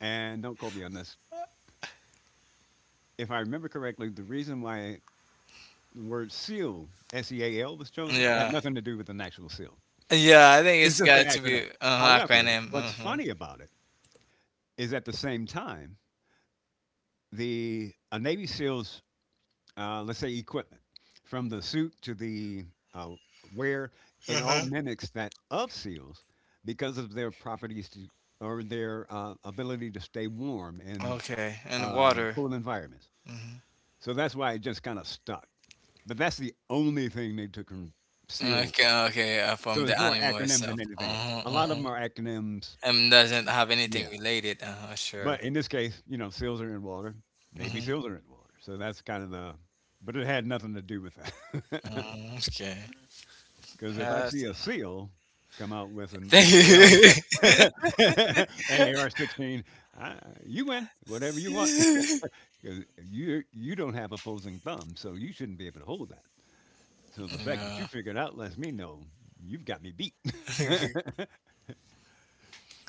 [SPEAKER 1] and don't quote me on this. If I remember correctly, the reason why the word SEAL, S E A L, was chosen had
[SPEAKER 2] Yeah,
[SPEAKER 1] nothing to do with an actual SEAL.
[SPEAKER 2] yeah. I think
[SPEAKER 1] It's
[SPEAKER 2] it's
[SPEAKER 1] just an
[SPEAKER 2] got to
[SPEAKER 1] acronym.
[SPEAKER 2] be
[SPEAKER 1] However,
[SPEAKER 2] acronym.
[SPEAKER 1] what's
[SPEAKER 2] Uh-huh.
[SPEAKER 1] funny about it is at the same time, the a Navy SEAL's, let's say, equipment, from the suit to the uh, wear, it all
[SPEAKER 2] Uh-huh.
[SPEAKER 1] mimics that of SEALs because of their properties to, or their ability to stay warm in
[SPEAKER 2] Okay, and water.
[SPEAKER 1] cool environments.
[SPEAKER 2] Hmm.
[SPEAKER 1] So that's why it just kind of stuck. But that's the only thing they took from
[SPEAKER 2] Okay,
[SPEAKER 1] SEALs.
[SPEAKER 2] okay. From
[SPEAKER 1] So it's
[SPEAKER 2] the
[SPEAKER 1] more
[SPEAKER 2] animal
[SPEAKER 1] acronym than
[SPEAKER 2] itself.
[SPEAKER 1] anything else.
[SPEAKER 2] Uh-huh,
[SPEAKER 1] A lot of
[SPEAKER 2] uh-huh.
[SPEAKER 1] them are acronyms.
[SPEAKER 2] And doesn't have anything
[SPEAKER 1] Yeah.
[SPEAKER 2] related. Uh-huh,
[SPEAKER 1] But
[SPEAKER 2] sure.
[SPEAKER 1] in this case, SEALs are in water. Navy
[SPEAKER 2] Mm-hmm.
[SPEAKER 1] SEALs are in water. So that's kind of the, but it had nothing to do with that. [LAUGHS]
[SPEAKER 2] Hmm. Okay.
[SPEAKER 1] Because if I
[SPEAKER 2] That's...
[SPEAKER 1] see a SEAL come out with
[SPEAKER 2] [LAUGHS]
[SPEAKER 1] an
[SPEAKER 2] Thank
[SPEAKER 1] AR and AR [LAUGHS] 16, I, you win whatever you want. [LAUGHS]
[SPEAKER 2] you.
[SPEAKER 1] 'Cause you don't have opposing thumbs, so you shouldn't be able to hold that. So the
[SPEAKER 2] [LAUGHS]
[SPEAKER 1] fact that
[SPEAKER 2] yeah.
[SPEAKER 1] you figured out lets me know you've got me beat. [LAUGHS]
[SPEAKER 2] [LAUGHS]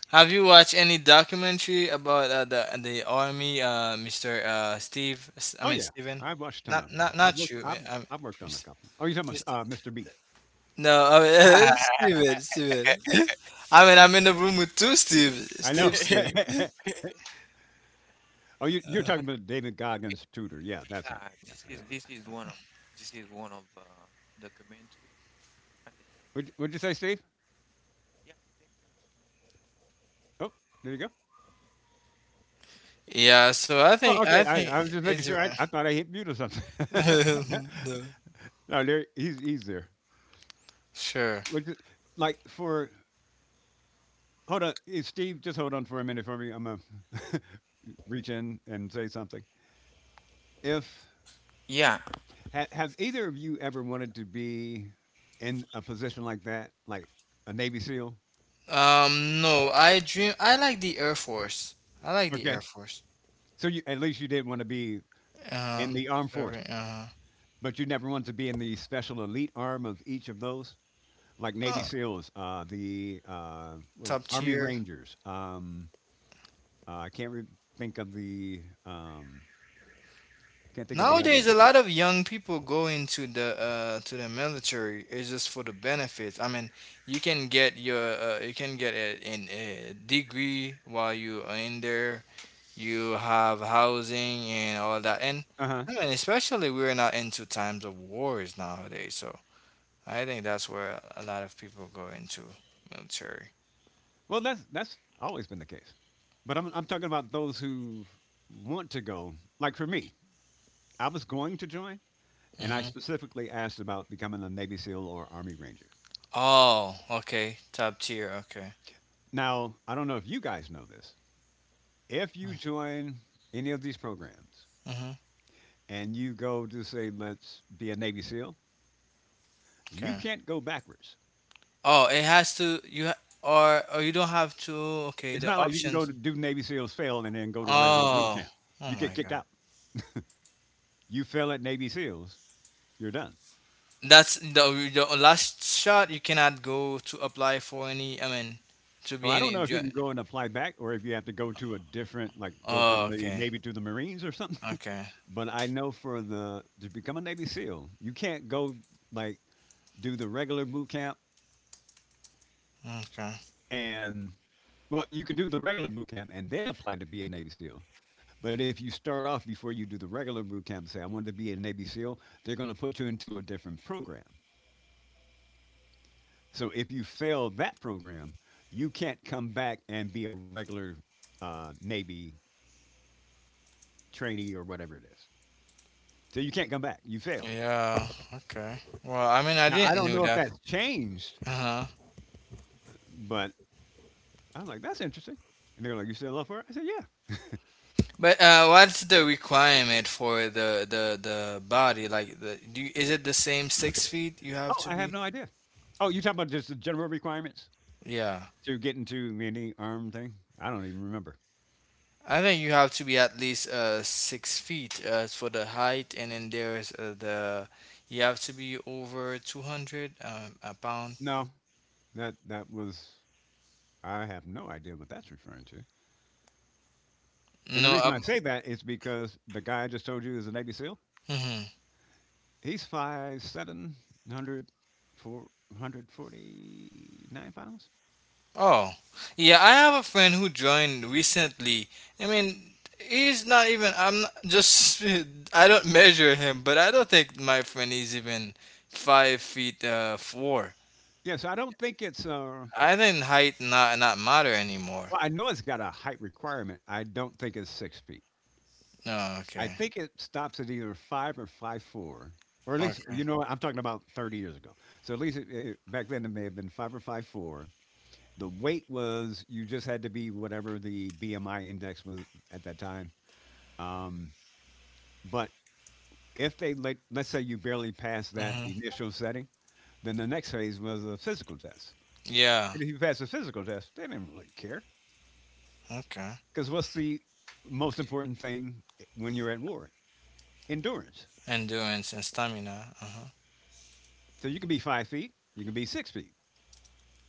[SPEAKER 2] Have you watched any documentary about the army, Mister Steve? I
[SPEAKER 1] Oh
[SPEAKER 2] mean
[SPEAKER 1] yeah,
[SPEAKER 2] Steven,
[SPEAKER 1] I've watched a ton
[SPEAKER 2] not
[SPEAKER 1] of 'em.
[SPEAKER 2] not
[SPEAKER 1] I've
[SPEAKER 2] not
[SPEAKER 1] worked.
[SPEAKER 2] you. I
[SPEAKER 1] I've
[SPEAKER 2] mean,
[SPEAKER 1] I've worked on a
[SPEAKER 2] Mis-
[SPEAKER 1] couple. Oh, you're talking
[SPEAKER 2] Mister.
[SPEAKER 1] about Mr. B.
[SPEAKER 2] No, I mean, [LAUGHS] Steven, Steven. [LAUGHS] I mean, I'm in the room with two
[SPEAKER 1] I know.
[SPEAKER 2] Steven. [LAUGHS]
[SPEAKER 1] [LAUGHS] Oh, you're talking about David Goggins' tutor. Yeah, that's him. Yeah. I know, yeah. Would you say, Steve? Oh, there you go.
[SPEAKER 2] Yeah, so
[SPEAKER 1] Oh, okay.
[SPEAKER 2] I
[SPEAKER 1] I,
[SPEAKER 2] think
[SPEAKER 1] I was just making
[SPEAKER 2] it's
[SPEAKER 1] sure. I
[SPEAKER 2] [LAUGHS]
[SPEAKER 1] thought I hit mute or something. [LAUGHS]
[SPEAKER 2] no.
[SPEAKER 1] No, there he's there.
[SPEAKER 2] Sure.
[SPEAKER 1] Would you- like for Hold on, Steve. Just hold on for a minute for me. I'm gonna [LAUGHS] reach in and say something. If Have either of you ever wanted to be in a position like that, like a Navy SEAL?
[SPEAKER 2] No, I dream. I like the Air Force. I like the
[SPEAKER 1] Okay.
[SPEAKER 2] Air Force.
[SPEAKER 1] So at least you did want to be
[SPEAKER 2] Uh
[SPEAKER 1] in the armed
[SPEAKER 2] huh. Uh
[SPEAKER 1] forces,
[SPEAKER 2] huh.
[SPEAKER 1] but you never wanted to be in the special elite arm of each of those, like Navy
[SPEAKER 2] Uh,
[SPEAKER 1] SEALs,
[SPEAKER 2] top
[SPEAKER 1] Army
[SPEAKER 2] tier.
[SPEAKER 1] Rangers. I can't re- think of the Can't think of the other one.
[SPEAKER 2] Nowadays, a lot of young people go into the to the military. It's just for the benefits. I mean, you can get your you can get an a degree while you are in there. You have housing and all that. And
[SPEAKER 1] Uh huh.
[SPEAKER 2] I mean, especially we're not into times of wars nowadays. So I think that's where a lot of people go into military.
[SPEAKER 1] Well, that's always been the case, but I'm talking about those who want to go. Like for me, I was going to join, and I
[SPEAKER 2] Hmm.
[SPEAKER 1] specifically asked about becoming a Navy SEAL or Army Ranger.
[SPEAKER 2] Oh, okay, top tier. Okay.
[SPEAKER 1] Now, I don't know if you guys know this. If you join any of these programs
[SPEAKER 2] Hmm.
[SPEAKER 1] and you go to say, let's be a Navy SEAL, you
[SPEAKER 2] Okay.
[SPEAKER 1] can't go backwards.
[SPEAKER 2] Oh, it has to you or you don't have to. Okay,
[SPEAKER 1] It's
[SPEAKER 2] the
[SPEAKER 1] not like you can go
[SPEAKER 2] options.
[SPEAKER 1] to do Navy SEALs fail and then go to regular boot
[SPEAKER 2] Oh,
[SPEAKER 1] camp.
[SPEAKER 2] oh
[SPEAKER 1] You get
[SPEAKER 2] my
[SPEAKER 1] kicked
[SPEAKER 2] God.
[SPEAKER 1] out. You fail at Navy SEALs, you're done.
[SPEAKER 2] That's the last shot. You cannot go to apply for any. I mean, to
[SPEAKER 1] Well,
[SPEAKER 2] be
[SPEAKER 1] I don't
[SPEAKER 2] any.
[SPEAKER 1] know if you can go and apply back or if you have to go to a different, like go
[SPEAKER 2] Oh,
[SPEAKER 1] from the
[SPEAKER 2] okay,
[SPEAKER 1] Navy to the Marines or something.
[SPEAKER 2] okay,
[SPEAKER 1] But I know for the to become a Navy SEAL, you can't go like do the regular boot camp
[SPEAKER 2] okay.
[SPEAKER 1] and well, you can do the regular boot camp and then apply to be a Navy SEAL. But if you start off before you do the regular boot camp, say I want to be a Navy SEAL, they're going to put you into a different program. So if you fail that program, you can't come back and be a regular Navy trainee or whatever it is. So you can't come back. You failed.
[SPEAKER 2] Yeah, okay. Well, I mean, I
[SPEAKER 1] Now I
[SPEAKER 2] didn't
[SPEAKER 1] don't
[SPEAKER 2] know
[SPEAKER 1] know if
[SPEAKER 2] that.
[SPEAKER 1] that's changed,
[SPEAKER 2] Uh huh.
[SPEAKER 1] but I'm like, that's interesting. And they're like, you still love her? I said, yeah.
[SPEAKER 2] But what's the requirement for the body? Like the do you, is it the same 6 feet you have
[SPEAKER 1] Oh,
[SPEAKER 2] to
[SPEAKER 1] I have
[SPEAKER 2] be?
[SPEAKER 1] no idea. Oh, you talking about just the general requirements
[SPEAKER 2] Yeah.
[SPEAKER 1] to get into any arm thing? I don't even remember.
[SPEAKER 2] I think you have to be at least 6 feet for the height, and then there's the you have to be over 200 a pound.
[SPEAKER 1] No, that was. I have no idea what that's referring to. And the
[SPEAKER 2] No,
[SPEAKER 1] reason I say that is because the guy I just told you is a Navy SEAL.
[SPEAKER 2] mhm.
[SPEAKER 1] He's five seven hundred four hundred forty nine pounds.
[SPEAKER 2] Oh yeah, I have a friend who joined recently. I mean, he's not even. I'm not, just [LAUGHS] I don't measure him, but I don't think my friend is even 5 feet four.
[SPEAKER 1] Yeah, so I don't think it's.
[SPEAKER 2] I think height not matter anymore.
[SPEAKER 1] Well, I know it's got a height requirement. I don't think it's 6 feet.
[SPEAKER 2] No,
[SPEAKER 1] I
[SPEAKER 2] okay,
[SPEAKER 1] think it stops at either 5 or 5'4", or at least
[SPEAKER 2] okay,
[SPEAKER 1] you know I'm talking about 30 years ago. So at least back then it may have been 5 or 5'4". The weight was you just had to be whatever the BMI index was at that time. Um, but if let's say you barely passed that
[SPEAKER 2] hmm
[SPEAKER 1] initial setting, then the next phase was a physical test.
[SPEAKER 2] yeah,
[SPEAKER 1] And if you passed the physical test, they didn't really care
[SPEAKER 2] okay.
[SPEAKER 1] because what's the most important thing when you're at war? Endurance.
[SPEAKER 2] Endurance and stamina. Uh-huh.
[SPEAKER 1] So you can be 5 feet, you can be 6 feet.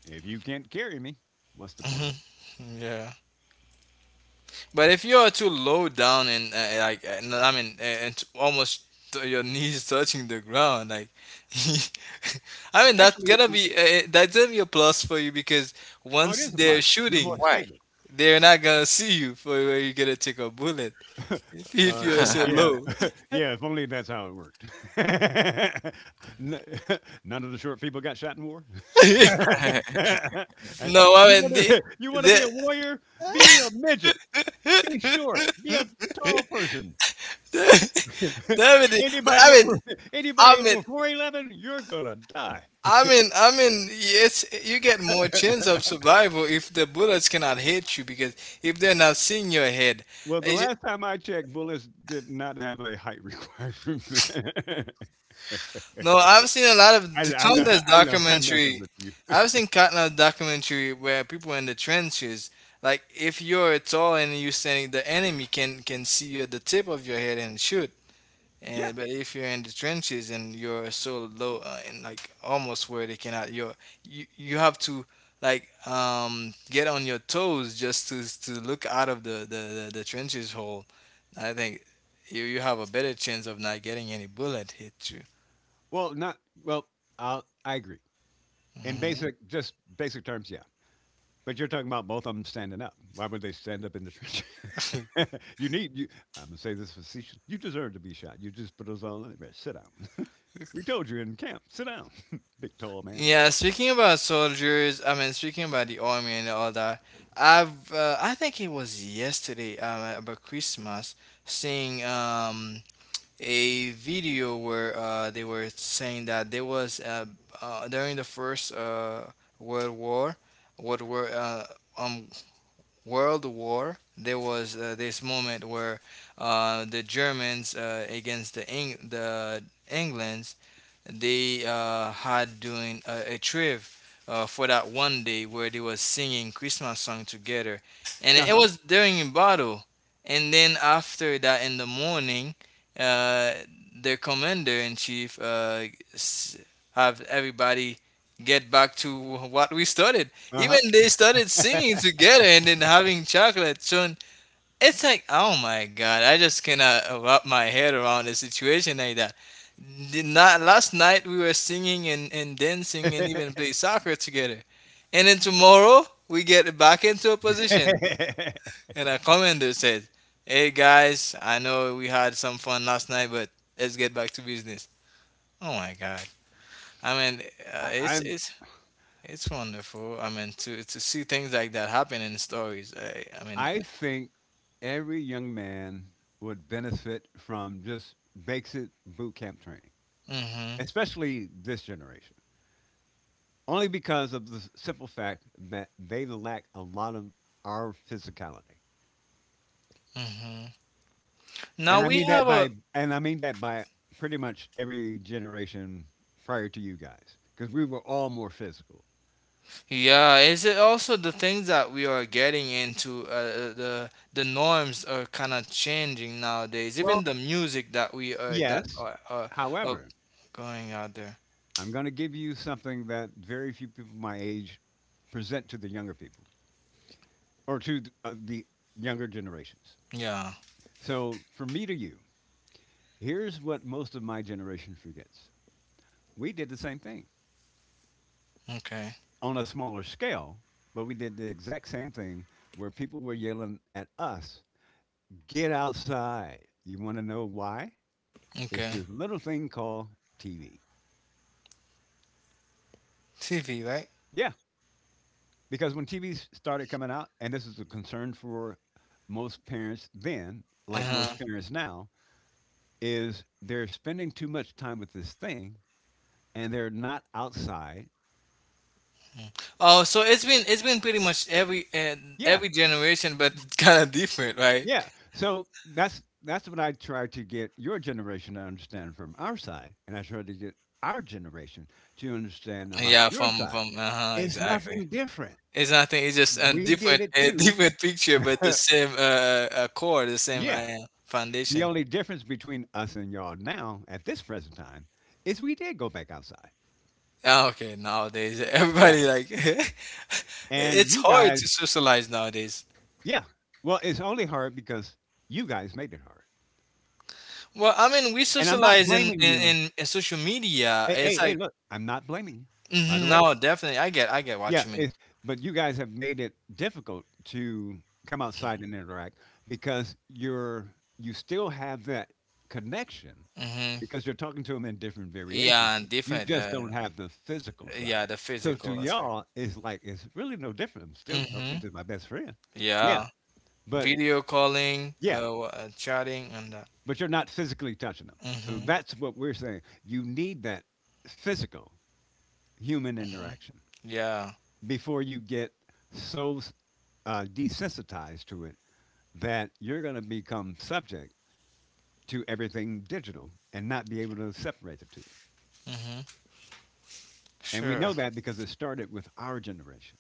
[SPEAKER 1] If you can't carry me, what's the point?
[SPEAKER 2] [LAUGHS] yeah. But if you are too low down and I mean and almost to your knees touching the ground, like [LAUGHS] I mean
[SPEAKER 1] Actually,
[SPEAKER 2] that's gonna be a plus for you because
[SPEAKER 1] oh, it
[SPEAKER 2] once
[SPEAKER 1] is a
[SPEAKER 2] they're
[SPEAKER 1] plan. You're more
[SPEAKER 2] shooting,
[SPEAKER 3] Why?
[SPEAKER 1] stable.
[SPEAKER 2] they're not gonna [LAUGHS] see you for where you're gonna take a bullet [LAUGHS] if you're
[SPEAKER 3] [LAUGHS]
[SPEAKER 2] so
[SPEAKER 1] Yeah,
[SPEAKER 3] I
[SPEAKER 2] low.
[SPEAKER 1] [LAUGHS] yeah. If only that's how it worked. [LAUGHS] N- [LAUGHS] None of the short people got shot in war. [LAUGHS]
[SPEAKER 2] [LAUGHS]
[SPEAKER 1] You
[SPEAKER 2] No, I mean
[SPEAKER 1] want
[SPEAKER 2] the
[SPEAKER 1] to. [LAUGHS] You want to
[SPEAKER 2] the
[SPEAKER 1] be a warrior? Be a midget. Be short. Be a tall person.
[SPEAKER 2] the, [LAUGHS]
[SPEAKER 1] [LAUGHS]
[SPEAKER 2] the, but
[SPEAKER 1] anybody
[SPEAKER 2] I mean,
[SPEAKER 1] over
[SPEAKER 2] I
[SPEAKER 1] anybody
[SPEAKER 2] mean,
[SPEAKER 1] over 4'11", you're gonna die.
[SPEAKER 2] I mean, it's you get more chance of survival if the bullets cannot hit you because if they're not seeing your head.
[SPEAKER 1] Well, the
[SPEAKER 2] Is it-
[SPEAKER 1] last time I checked, bullets did not have a height [LAUGHS] requirement.
[SPEAKER 2] No, I've seen a lot
[SPEAKER 1] I
[SPEAKER 2] of the
[SPEAKER 1] I know
[SPEAKER 2] countless
[SPEAKER 1] [LAUGHS] I know I'm messing
[SPEAKER 2] documentary.
[SPEAKER 1] with you.
[SPEAKER 2] I've seen countless documentary where people in the trenches, like if you're tall and you're standing, the enemy can see you at the tip of your head and shoot.
[SPEAKER 1] Yeah.
[SPEAKER 2] And but if you're in the trenches and you're so low and like almost where they cannot, you're you you have to like get on your toes just to look out of the trenches hole. I think you you have a better chance of not getting any bullet hit you.
[SPEAKER 1] Well, not well. I agree. In
[SPEAKER 2] Hmm.
[SPEAKER 1] basic, just basic terms, yeah. But you're talking about both of them standing up. Why would they stand up in the trench? [LAUGHS] You need. You, I'm gonna say this facetious. You deserve to be shot. You just put us all in there. Sit down. [LAUGHS] We told you in camp. Sit down, [LAUGHS] big tall man.
[SPEAKER 2] Yeah, speaking about soldiers, I mean, speaking about the army and all that, I've I think it was yesterday about Christmas, seeing a video where they were saying that there was during the first World War, what were um, World War, there was this moment where the Germans against the the Englands they had doing a trip for that one day where they was singing Christmas song together, and
[SPEAKER 1] Uh
[SPEAKER 2] it
[SPEAKER 1] huh.
[SPEAKER 2] was during a battle. And then after that, in the morning, uh, their commander in chief s- have everybody get back to what we started. Even
[SPEAKER 1] Uh
[SPEAKER 2] they started singing together and then having chocolate. So it's like, oh my God, I just cannot wrap my head around a situation like that. The night, last night we were singing and dancing and even play soccer together. And then tomorrow we get back into a position.
[SPEAKER 1] huh.
[SPEAKER 2] And our commander said, hey guys, I know we had some fun last night, but let's get back to business. Oh my God. I mean,
[SPEAKER 1] [LAUGHS]
[SPEAKER 2] uh,
[SPEAKER 1] I
[SPEAKER 2] it's,
[SPEAKER 1] I'm,
[SPEAKER 2] it's, it's wonderful. I mean, to see things like that happen in stories. I mean,
[SPEAKER 1] I think every young man would benefit from just basic boot camp training,
[SPEAKER 2] mm-hmm,
[SPEAKER 1] especially this generation, only because of the simple fact that they lack a lot of our physicality.
[SPEAKER 2] mm-hmm. Now
[SPEAKER 1] And I
[SPEAKER 2] we
[SPEAKER 1] mean
[SPEAKER 2] have
[SPEAKER 1] that
[SPEAKER 2] a.
[SPEAKER 1] by and I mean that by pretty much every generation prior to you guys, because we were all more physical.
[SPEAKER 2] Yeah, is it also the things that we are getting into? The norms are kind of changing nowadays. Even
[SPEAKER 1] Well,
[SPEAKER 2] the music that we are
[SPEAKER 1] yes.
[SPEAKER 2] are
[SPEAKER 1] However,
[SPEAKER 2] going out there.
[SPEAKER 1] I'm going to give you something that very few people my age present to the younger people or to the younger generations.
[SPEAKER 2] Yeah.
[SPEAKER 1] So, from me to you, here's what most of my generation forgets. We did the same thing
[SPEAKER 2] Okay.
[SPEAKER 1] on a smaller scale, but we did the exact same thing where people were yelling at us, get outside. You want to know why? It's
[SPEAKER 2] Okay.
[SPEAKER 1] this little thing called TV.
[SPEAKER 2] TV, right?
[SPEAKER 1] Yeah, because when TVs started coming out, and this is a concern for most parents then, like
[SPEAKER 2] Uh-huh.
[SPEAKER 1] most parents now, is they're spending too much time with this thing and they're not outside.
[SPEAKER 2] Mm. Oh, so it's been pretty much every uh,
[SPEAKER 1] Yeah,
[SPEAKER 2] every generation, but it's [LAUGHS] kind of different, right?
[SPEAKER 1] yeah. So that's what I try to get your generation to understand from our side, and I try to get our generation to understand about
[SPEAKER 2] Yeah.
[SPEAKER 1] your side.
[SPEAKER 2] From Uh huh.
[SPEAKER 1] It's
[SPEAKER 2] Exactly.
[SPEAKER 1] nothing different.
[SPEAKER 2] It's nothing. It's just a
[SPEAKER 1] We did
[SPEAKER 2] different
[SPEAKER 1] it
[SPEAKER 2] a [LAUGHS]
[SPEAKER 1] too.
[SPEAKER 2] different picture, but the
[SPEAKER 1] [LAUGHS]
[SPEAKER 2] same core, the same
[SPEAKER 1] Yeah. The
[SPEAKER 2] foundation.
[SPEAKER 1] only difference between us and y'all now at this present time is we did go back outside.
[SPEAKER 2] Okay, nowadays
[SPEAKER 1] Yeah.
[SPEAKER 2] everybody like [LAUGHS]
[SPEAKER 1] And
[SPEAKER 2] it's
[SPEAKER 1] you
[SPEAKER 2] hard
[SPEAKER 1] guys,
[SPEAKER 2] to socialize nowadays.
[SPEAKER 1] yeah. Well, it's only hard because you guys made it hard.
[SPEAKER 2] Well, I mean, we
[SPEAKER 1] And I'm not
[SPEAKER 2] socialize in
[SPEAKER 1] blaming
[SPEAKER 2] in,
[SPEAKER 1] you.
[SPEAKER 2] in in social media.
[SPEAKER 1] Hey,
[SPEAKER 2] It's
[SPEAKER 1] hey, hey,
[SPEAKER 2] like,
[SPEAKER 1] look, I'm not blaming you, by the way.
[SPEAKER 2] no, definitely. I get what
[SPEAKER 1] Yeah,
[SPEAKER 2] you mean.
[SPEAKER 1] it's but you guys have made it difficult to come outside and interact because you still have that connection
[SPEAKER 2] Hmm.
[SPEAKER 1] because you're talking to them in different variations.
[SPEAKER 2] Yeah, and
[SPEAKER 1] You
[SPEAKER 2] different.
[SPEAKER 1] just don't have the physical side.
[SPEAKER 2] Yeah, the
[SPEAKER 1] So to
[SPEAKER 2] physical aspect.
[SPEAKER 1] y'all, it's like it's really no different. I'm still
[SPEAKER 2] Hmm.
[SPEAKER 1] talking to my best friend. Yeah,
[SPEAKER 2] Yeah,
[SPEAKER 1] but
[SPEAKER 2] video calling,
[SPEAKER 1] yeah,
[SPEAKER 2] chatting, and that.
[SPEAKER 1] but you're not physically touching them. So
[SPEAKER 2] Hmm.
[SPEAKER 1] that's what we're saying. You need that physical human
[SPEAKER 2] Hmm.
[SPEAKER 1] interaction
[SPEAKER 2] Yeah.
[SPEAKER 1] before you get so desensitized to it that you're going to become subject to everything digital and not be able to separate the two.
[SPEAKER 2] Hmm.
[SPEAKER 1] And we
[SPEAKER 2] Sure.
[SPEAKER 1] know that because it started with our generation,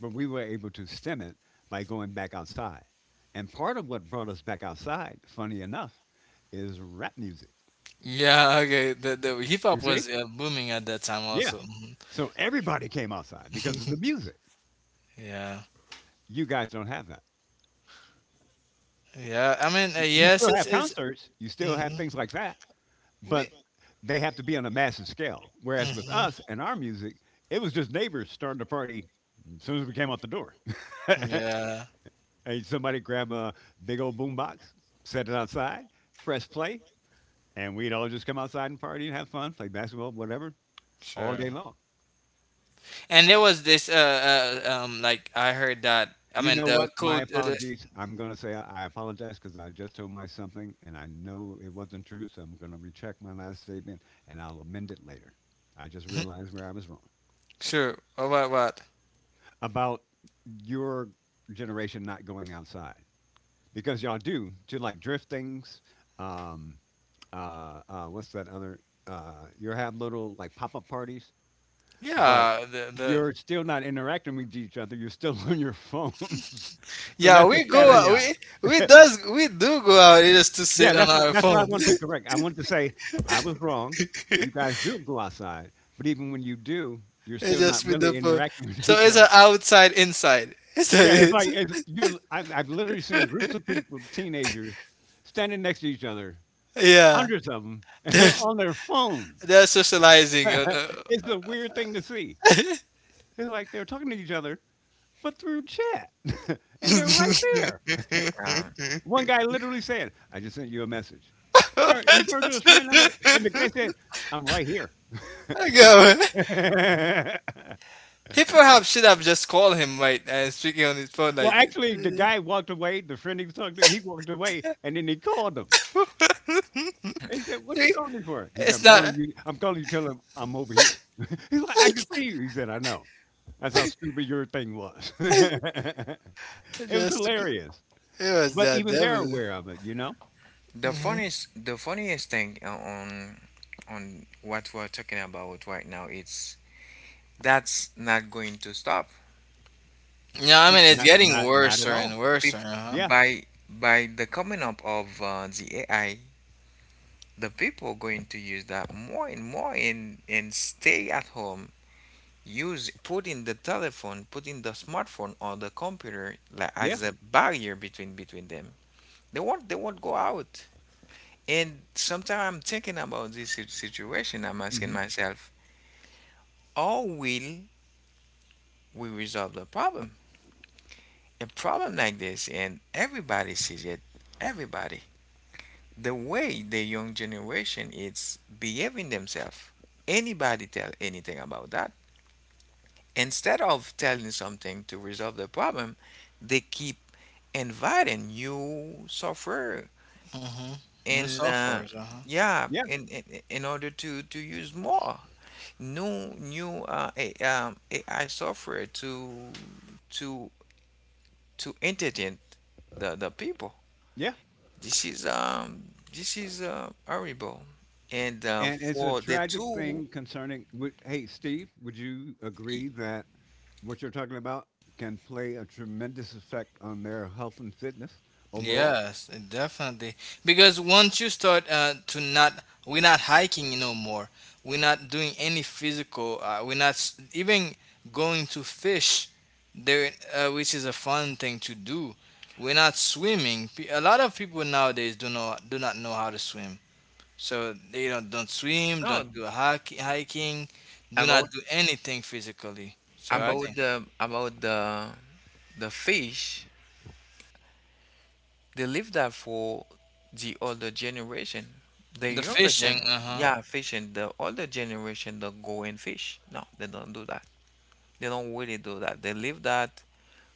[SPEAKER 1] but we were able to stem it by going back outside. And part of what brought us back outside, funny enough, is rap music.
[SPEAKER 2] Yeah. [LAUGHS] Okay. The hip
[SPEAKER 1] You
[SPEAKER 2] hop
[SPEAKER 1] see?
[SPEAKER 2] was booming at that time
[SPEAKER 1] Yeah.
[SPEAKER 2] also. Mhm.
[SPEAKER 1] So everybody came outside because of the
[SPEAKER 2] [LAUGHS]
[SPEAKER 1] music.
[SPEAKER 2] Yeah.
[SPEAKER 1] You guys don't have that.
[SPEAKER 2] Yeah, I mean,
[SPEAKER 1] You
[SPEAKER 2] yes,
[SPEAKER 1] still
[SPEAKER 2] it's
[SPEAKER 1] have
[SPEAKER 2] it's.
[SPEAKER 1] concerts, you still have
[SPEAKER 2] Mhm.
[SPEAKER 1] things like that,
[SPEAKER 2] We,
[SPEAKER 1] but they have to be on a massive scale. Whereas with us
[SPEAKER 2] Mhm.
[SPEAKER 1] and our music, it was just neighbors starting to party as soon as we came out the door. [LAUGHS]
[SPEAKER 2] Yeah.
[SPEAKER 1] And somebody grab a big old boombox, set it outside, press play, and we'd all just come outside and party and have fun, play basketball, whatever, all day
[SPEAKER 2] Sure.
[SPEAKER 1] long.
[SPEAKER 2] And there was this like, I heard that, I
[SPEAKER 1] You
[SPEAKER 2] mean,
[SPEAKER 1] know
[SPEAKER 2] the
[SPEAKER 1] what? My
[SPEAKER 2] code, the.
[SPEAKER 1] apologies. I'm going to say I apologize because I just told my something and I know it wasn't true. So I'm going to recheck my last statement and I'll amend it later. I just realized where I was wrong
[SPEAKER 2] Sure. What,
[SPEAKER 1] about your generation not going outside because y'all do to like drift things. Um, what's that other? You have little like pop up parties, but
[SPEAKER 2] yeah, the
[SPEAKER 1] you're still not interacting with each other. You're still [LAUGHS] on your phones. [LAUGHS] So
[SPEAKER 2] yeah,
[SPEAKER 1] that's the
[SPEAKER 2] we go
[SPEAKER 3] like,
[SPEAKER 2] out,
[SPEAKER 1] caveat.
[SPEAKER 2] we do go out. It's just to
[SPEAKER 1] Yeah,
[SPEAKER 2] sit on
[SPEAKER 1] that's what
[SPEAKER 2] our
[SPEAKER 1] that's what I
[SPEAKER 2] phone.
[SPEAKER 1] wanted to correct.
[SPEAKER 2] [LAUGHS]
[SPEAKER 1] I wanted to say I was wrong. You guys do go outside, but even when you do, you're
[SPEAKER 2] It's
[SPEAKER 1] still not
[SPEAKER 2] just with the
[SPEAKER 1] really
[SPEAKER 2] phone,
[SPEAKER 1] interacting [LAUGHS] with
[SPEAKER 2] so
[SPEAKER 1] each
[SPEAKER 2] it's
[SPEAKER 1] other.
[SPEAKER 2] an outside inside. [LAUGHS] So
[SPEAKER 1] Yeah, it's
[SPEAKER 2] it's,
[SPEAKER 1] like it's you. I've literally seen groups of people, teenagers, standing next to each other,
[SPEAKER 2] yeah,
[SPEAKER 1] hundreds of them, and
[SPEAKER 2] they're,
[SPEAKER 1] they're on their phones.
[SPEAKER 2] they're socializing on,
[SPEAKER 1] [LAUGHS] It's a weird thing to see.
[SPEAKER 2] uh,
[SPEAKER 1] It's like they're talking to each other, but through chat, [LAUGHS] and they're right there.
[SPEAKER 2] [LAUGHS]
[SPEAKER 3] um,
[SPEAKER 1] One guy literally said, "I just sent you a message." He turned to his friend.
[SPEAKER 2] I
[SPEAKER 1] I'm like, and the guy said, "I'm right here."
[SPEAKER 2] go.
[SPEAKER 1] [LAUGHS]
[SPEAKER 2] He perhaps should have just called him, right, and speaking on his phone
[SPEAKER 1] Well,
[SPEAKER 2] like.
[SPEAKER 1] actually, the
[SPEAKER 2] [LAUGHS]
[SPEAKER 1] guy walked away. The friend he was talking to, he walked away, and then he called him. And he said, "What you calling me for?" He said,
[SPEAKER 2] It's
[SPEAKER 1] "I'm calling
[SPEAKER 2] not
[SPEAKER 1] you. I'm calling you. Tell him I'm over here." [LAUGHS] He's like, "I
[SPEAKER 2] like,
[SPEAKER 1] can see you." He said, "I know." That's how stupid your thing was. [LAUGHS] It was
[SPEAKER 2] just
[SPEAKER 1] hilarious,
[SPEAKER 2] it was
[SPEAKER 1] but
[SPEAKER 2] that
[SPEAKER 1] even they're
[SPEAKER 2] devil.
[SPEAKER 1] aware of it. You know,
[SPEAKER 2] Hmm.
[SPEAKER 3] the funniest thing on what we're talking about right now, it's that's not going to stop.
[SPEAKER 2] Yeah, I
[SPEAKER 3] Pe-
[SPEAKER 2] mean it's
[SPEAKER 1] not
[SPEAKER 2] getting
[SPEAKER 1] not not
[SPEAKER 2] worse
[SPEAKER 1] at all.
[SPEAKER 2] and worse, uh
[SPEAKER 3] peop-
[SPEAKER 2] huh.
[SPEAKER 1] Yeah,
[SPEAKER 3] by the coming up of the AI, the people are going to use that more and more and stay at home. Use putting the telephone, putting the smartphone or the computer like,
[SPEAKER 1] yeah,
[SPEAKER 3] as a barrier between them. They won't go out. And sometimes I'm thinking about this situation. I'm asking
[SPEAKER 1] hmm
[SPEAKER 3] myself, how will we resolve the problem? A problem like this, and everybody sees it. Everybody. The way the young generation is behaving themselves. Anybody tell anything about that? Instead of telling something to resolve the problem, they keep inviting new software
[SPEAKER 2] Hmm. And
[SPEAKER 3] and
[SPEAKER 2] so forth, uh huh.
[SPEAKER 3] yeah,
[SPEAKER 1] yeah,
[SPEAKER 3] in order to use more new AI software to to entertain the people.
[SPEAKER 1] yeah.
[SPEAKER 3] This is um this is horrible. And
[SPEAKER 1] And it's a
[SPEAKER 3] for the
[SPEAKER 1] tragic
[SPEAKER 3] two,
[SPEAKER 1] thing concerning. Would- Hey, Steve, would you agree that what you're talking about can play a tremendous effect on their health and fitness overall?
[SPEAKER 2] Yes, it definitely. Because once you start to not, we're not hiking no more. We're not doing any physical. We're not even going to fish there, which is a fun thing to do. We're not swimming. A lot of people nowadays do not know how to swim. So they don't swim,
[SPEAKER 3] no,
[SPEAKER 2] don't do hiking, do not
[SPEAKER 3] about
[SPEAKER 2] do anything physically. So I
[SPEAKER 1] Hmm.
[SPEAKER 3] about
[SPEAKER 2] think
[SPEAKER 3] the about the the fish, they leave that for the older generation, the
[SPEAKER 2] the
[SPEAKER 3] younger
[SPEAKER 2] fishing.
[SPEAKER 3] gen.
[SPEAKER 2] Uh huh.
[SPEAKER 3] Yeah, fish and the older generation don't go and fish. No, they don't do that. They don't really do that. They leave that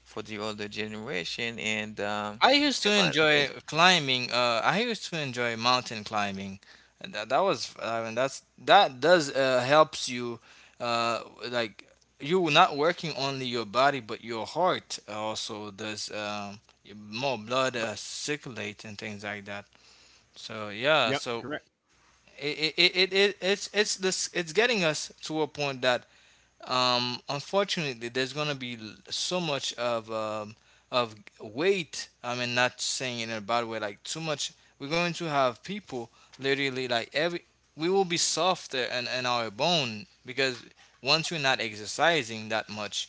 [SPEAKER 3] for the older generation, and
[SPEAKER 2] I used
[SPEAKER 3] they're
[SPEAKER 2] to
[SPEAKER 3] going to face
[SPEAKER 2] enjoy climbing. I used to enjoy mountain climbing. And that was, I mean, that does helps you, uh, like, you not working only your body but your heart also does more blood circulate and things like that. So yeah,
[SPEAKER 1] Yep,
[SPEAKER 2] so
[SPEAKER 1] correct,
[SPEAKER 2] it it's this it's getting us to a point that unfortunately, there's gonna be so much of weight. I mean, not saying it in a bad way, like too much. We're going to have people literally like every. We will be softer in our bone because once we're not exercising that much,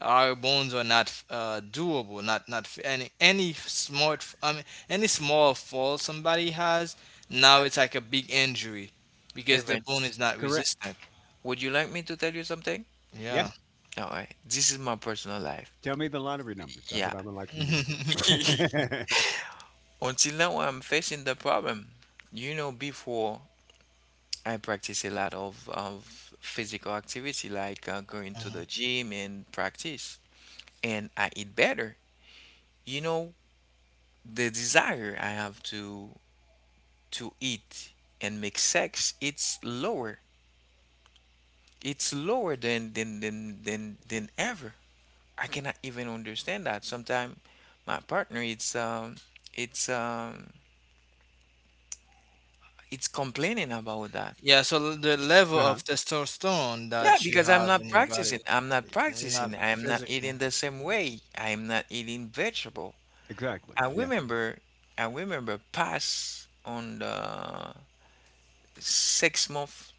[SPEAKER 2] our bones are not doable. Not any smart. I mean, any small fall somebody has now
[SPEAKER 3] um,
[SPEAKER 2] it's like a big injury because the bone
[SPEAKER 3] events.
[SPEAKER 2] is not
[SPEAKER 1] correct.
[SPEAKER 2] resistant.
[SPEAKER 3] Would you like me to tell you something?
[SPEAKER 1] Yes,
[SPEAKER 2] Yeah.
[SPEAKER 3] All right, this is my personal life.
[SPEAKER 1] tell me the lottery numbers. That's what
[SPEAKER 3] Yeah.
[SPEAKER 1] I would like for you to
[SPEAKER 2] [LAUGHS]
[SPEAKER 3] [LAUGHS]
[SPEAKER 1] do.
[SPEAKER 3] Until now, I'm facing the problem. You know, before I practice a lot of physical activity, like going to
[SPEAKER 2] Mhm.
[SPEAKER 3] the gym and practice, and I eat better. You know, the desire I have to eat and make sex, it's lower. It's lower than ever. I cannot even understand that. Sometimes my partner, it's um, it's complaining about that.
[SPEAKER 2] Yeah, so the level
[SPEAKER 1] Uh-huh.
[SPEAKER 2] of
[SPEAKER 1] [LAUGHS]
[SPEAKER 2] testosterone
[SPEAKER 3] Yeah,
[SPEAKER 2] that you
[SPEAKER 3] because I'm
[SPEAKER 2] have
[SPEAKER 3] not
[SPEAKER 2] in your body,
[SPEAKER 3] practicing. I'm not
[SPEAKER 2] you're not
[SPEAKER 3] practicing. I am not
[SPEAKER 2] physically
[SPEAKER 3] eating the same way. I am not eating vegetable.
[SPEAKER 1] Exactly.
[SPEAKER 3] I
[SPEAKER 1] Yeah.
[SPEAKER 3] remember, I remember past on the 6 month.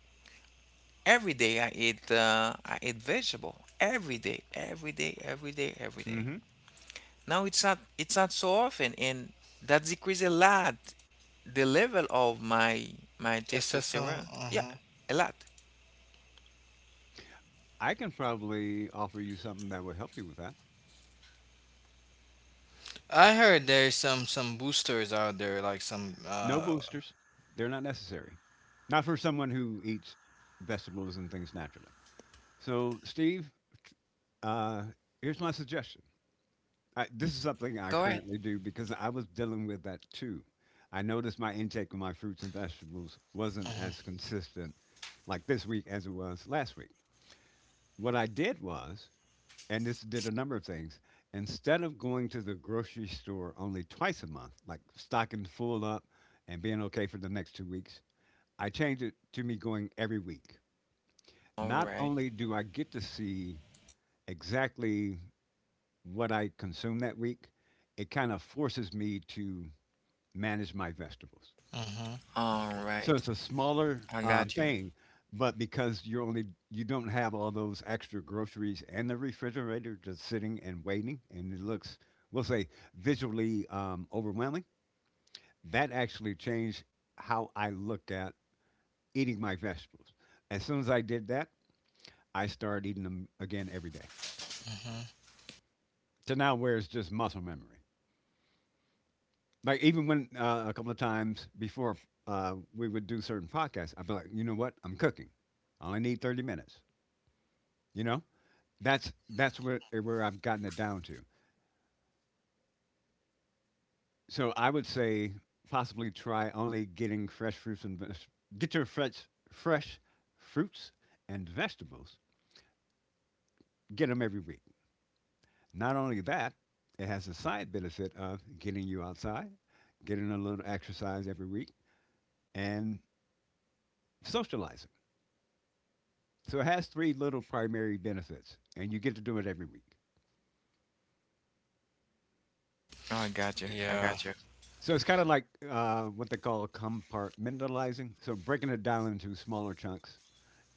[SPEAKER 3] Every day I eat vegetable every day, every day, every day, every day.
[SPEAKER 1] Hmm.
[SPEAKER 3] Now it's not so often, and that decreases a lot the level of my
[SPEAKER 2] testosterone.
[SPEAKER 3] testosterone. Yeah, a lot.
[SPEAKER 1] I can probably offer you something that will help you with that.
[SPEAKER 2] I heard there's some boosters out there, like some.
[SPEAKER 1] No boosters. They're not necessary. Not for someone who eats vegetables and things naturally. So, Steve, uh, here's my suggestion. I, this is something I
[SPEAKER 3] Go ahead.
[SPEAKER 1] currently do because I was dealing with that too. I noticed my intake of my fruits and vegetables wasn't
[SPEAKER 2] Mhm,
[SPEAKER 1] as consistent like this week as it was last week. What I did was and this did a number of things. Instead of going to the grocery store only twice a month, like stocking full up and being okay for the next 2 weeks, I changed it to me going every week.
[SPEAKER 3] All
[SPEAKER 1] Not
[SPEAKER 3] right,
[SPEAKER 1] only do I get to see exactly what I consume that week, it kind of forces me to manage my vegetables.
[SPEAKER 2] mhm, okay,
[SPEAKER 3] all
[SPEAKER 1] So
[SPEAKER 3] right.
[SPEAKER 1] it's a smaller
[SPEAKER 3] I got you.
[SPEAKER 1] thing, but because you're only you don't have all those extra groceries and the refrigerator just sitting and waiting, and it looks, we'll say, visually overwhelming. That actually changed how I look at eating my vegetables. As soon as I did that, I started eating them again every day.
[SPEAKER 2] mhm.
[SPEAKER 1] To now, where it's just muscle memory. Like even when a couple of times before we would do certain podcasts, I'd be like, you know what, I'm cooking. I only need 30 minutes. You know, that's where I've gotten it down to. So I would say possibly try only getting fresh fruits and get your fresh fruits and vegetables. Get them every week. Not only that, it has the side benefit of getting you outside, getting a little exercise every week, and socializing. So it has three little primary benefits, and you get to do it every week.
[SPEAKER 3] Oh, I got you. I
[SPEAKER 2] Yeah.
[SPEAKER 3] got you.
[SPEAKER 1] So it's kind of like what they call compartmentalizing. So breaking it down into smaller chunks.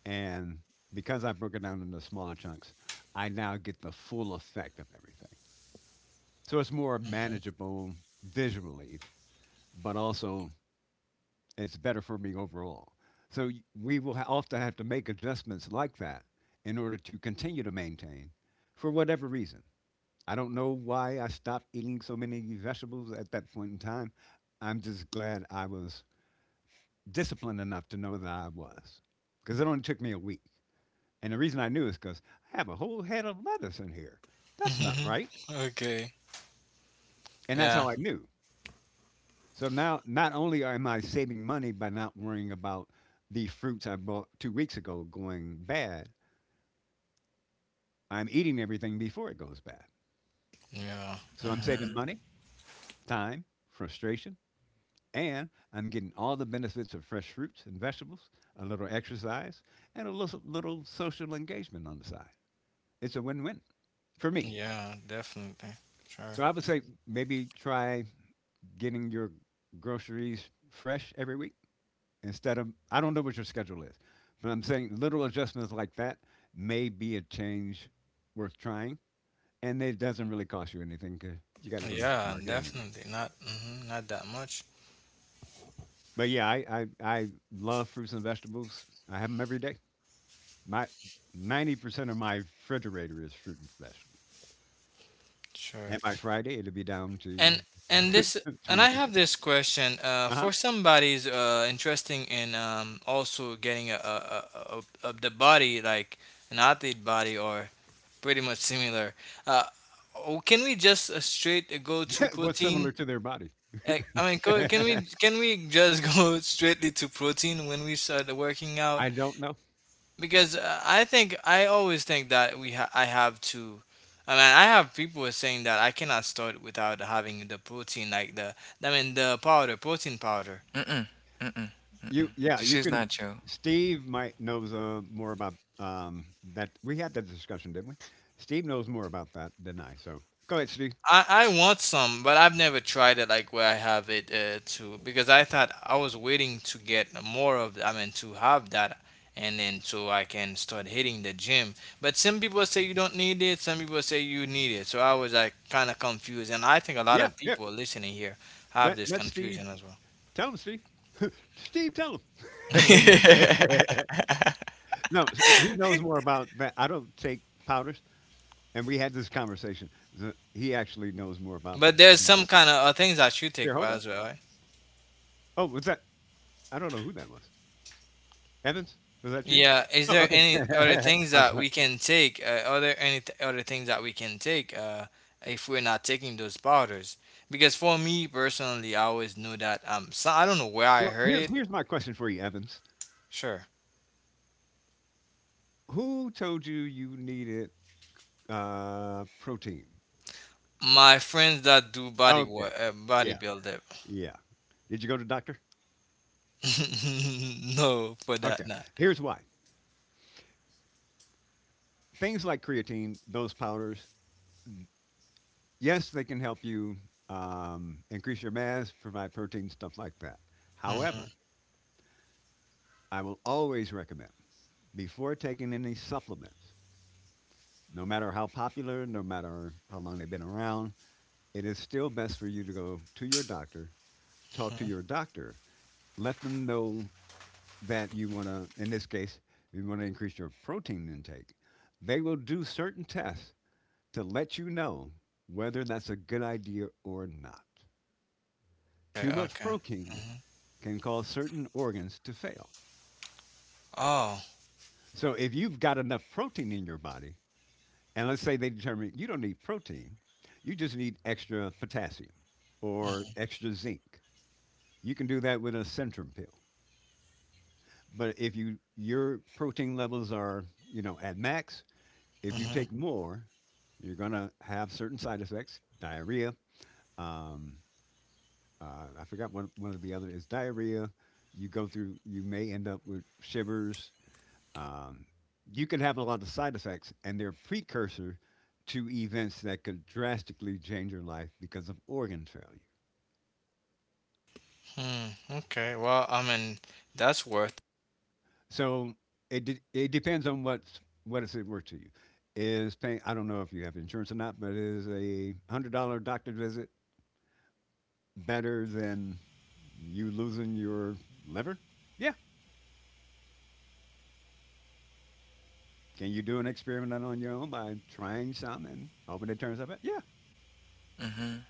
[SPEAKER 1] And because I broke it down into smaller chunks, I now get the full effect of everything. So it's more
[SPEAKER 2] Mhm.
[SPEAKER 1] manageable visually, but also it's better for me overall. So we will often have to make adjustments like that in order to continue to maintain for whatever reason. I don't know why I stopped eating so many vegetables at that point in time. I'm just glad I was disciplined enough to know that I was because it only took me a week. And the reason I knew is because I have a whole head of lettuce in here. That's not right.
[SPEAKER 2] [LAUGHS] Okay.
[SPEAKER 1] And that's
[SPEAKER 2] Yeah.
[SPEAKER 1] how I knew. So now, not only am I saving money by not worrying about the fruits I bought 2 weeks ago going bad, I'm eating everything before it goes bad.
[SPEAKER 2] Yeah.
[SPEAKER 1] So I'm
[SPEAKER 2] Mhm.
[SPEAKER 1] saving
[SPEAKER 3] Mm-hmm.
[SPEAKER 1] money, time, frustration, and I'm getting all the benefits of fresh fruits and vegetables, a little exercise, and a little, little social engagement on the side. It's a win win for me.
[SPEAKER 2] Yeah. Definitely. Sure.
[SPEAKER 1] So I would say maybe try getting your groceries fresh every week instead of I don't know what your schedule is, but I'm saying little adjustments like that may be a change worth trying, and it doesn't really cost you anything because you got to go to the
[SPEAKER 2] Yeah.
[SPEAKER 1] supermarket anyway.
[SPEAKER 2] Definitely. Not. Mhm, not that much.
[SPEAKER 1] But yeah, I love fruits and vegetables. I have them every day. My 90% of my refrigerator is fruit and vegetables,
[SPEAKER 2] Sure.
[SPEAKER 1] and by Friday it'll be down to
[SPEAKER 2] and and
[SPEAKER 1] [LAUGHS]
[SPEAKER 2] this and
[SPEAKER 1] twenty
[SPEAKER 2] I have
[SPEAKER 1] percent.
[SPEAKER 2] this question
[SPEAKER 1] Uh
[SPEAKER 2] for somebody's interesting in also getting a the body like an athlete body or pretty much similar. Uh, oh, can we just straight go to
[SPEAKER 1] huh. [LAUGHS] What's
[SPEAKER 2] protein?
[SPEAKER 1] similar to their body?
[SPEAKER 2] I mean,
[SPEAKER 1] [LAUGHS]
[SPEAKER 2] can we just [LAUGHS] go straightly to protein when we start working out?
[SPEAKER 1] I don't know.
[SPEAKER 2] Because I always think that we I have to. I mean, I have people saying that I cannot start without having the protein, like the I mean the powder, protein powder.
[SPEAKER 3] Mm-mm. Mm-mm.
[SPEAKER 1] You yeah,
[SPEAKER 3] This
[SPEAKER 1] you
[SPEAKER 3] is
[SPEAKER 1] can
[SPEAKER 3] not you.
[SPEAKER 1] Steve might knows more about that. We had that discussion, didn't we? Steve knows more about that than I. So go ahead, Steve.
[SPEAKER 2] I want some, but I've never tried it like where I have it to because I thought I was waiting to get more of, I mean, to have that, and then so I can start hitting the gym. But some people say you don't need it, some people say you need it. So I was like kind of confused, and I think a lot
[SPEAKER 1] Yeah,
[SPEAKER 2] of
[SPEAKER 1] yeah.
[SPEAKER 2] people listening here have
[SPEAKER 1] Let
[SPEAKER 2] this
[SPEAKER 1] Steve
[SPEAKER 2] confusion as well.
[SPEAKER 1] tell him, Steve. Steve, tell him. [LAUGHS] No, he knows more about that. I don't take powders, and we had this conversation. He actually knows more about
[SPEAKER 2] But there's
[SPEAKER 1] that.
[SPEAKER 2] some kind of things that you
[SPEAKER 1] Here,
[SPEAKER 2] take
[SPEAKER 1] hold on.
[SPEAKER 2] as well, right?
[SPEAKER 1] Oh, was that? I don't know who that was. Evans, was that you?
[SPEAKER 2] Yeah. Is
[SPEAKER 1] Oh,
[SPEAKER 2] there any other
[SPEAKER 1] okay.
[SPEAKER 2] things
[SPEAKER 1] [LAUGHS] I'm
[SPEAKER 2] that
[SPEAKER 1] sorry.
[SPEAKER 2] we can take? Are there any other things that we can take if we're not taking those powders? Because for me personally, I always knew that. So I don't know where I
[SPEAKER 1] Well,
[SPEAKER 2] heard
[SPEAKER 1] here's
[SPEAKER 2] it.
[SPEAKER 1] here's my question for you, Evans.
[SPEAKER 2] Sure.
[SPEAKER 1] Who told you you needed protein?
[SPEAKER 2] My friends that do body work,
[SPEAKER 1] Okay. Yeah.
[SPEAKER 2] bodybuilder.
[SPEAKER 1] Yeah. Did you go to the doctor?
[SPEAKER 2] [LAUGHS] No, for that
[SPEAKER 1] Okay.
[SPEAKER 2] not.
[SPEAKER 1] Here's why. Things like creatine, those powders, n- yes, they can help you increase your mass, provide protein, stuff like that.
[SPEAKER 2] Mm-hmm.
[SPEAKER 1] However, I will always recommend before taking any supplements, no matter how popular, no matter how long they've been around, it is still best for you to go to your doctor, talk to your doctor, let them know that you want to, in this case, you want to increase your protein intake, they will do certain tests to let you know whether that's a good idea or not. Too
[SPEAKER 2] Okay.
[SPEAKER 1] much
[SPEAKER 2] Okay.
[SPEAKER 1] protein
[SPEAKER 2] Hmm.
[SPEAKER 1] can cause certain organs to fail.
[SPEAKER 2] Oh.
[SPEAKER 1] So if you've got enough protein in your body, and let's say they determine you don't need protein, you just need extra potassium or extra zinc. You can do that with a Centrum pill. But if your protein levels are, you know, at max, if you
[SPEAKER 2] Hmm.
[SPEAKER 1] take more, you're going to have certain side effects diarrhea. Um, I forgot one of the other is diarrhea. You go through, you may end up with shivers. Um, you could have a lot of side effects, and they're precursor to events that could drastically change your life because of organ failure.
[SPEAKER 2] Hmm. Okay. Well, I mean, that's worth.
[SPEAKER 1] So it depends on what is it worth to you. Is paying, I don't know if you have insurance or not, but is a $100 doctor visit better than you losing your liver? Yeah. Can you do an experiment on your own by trying some and hoping it turns up? It? Yeah.
[SPEAKER 3] Mm-hmm.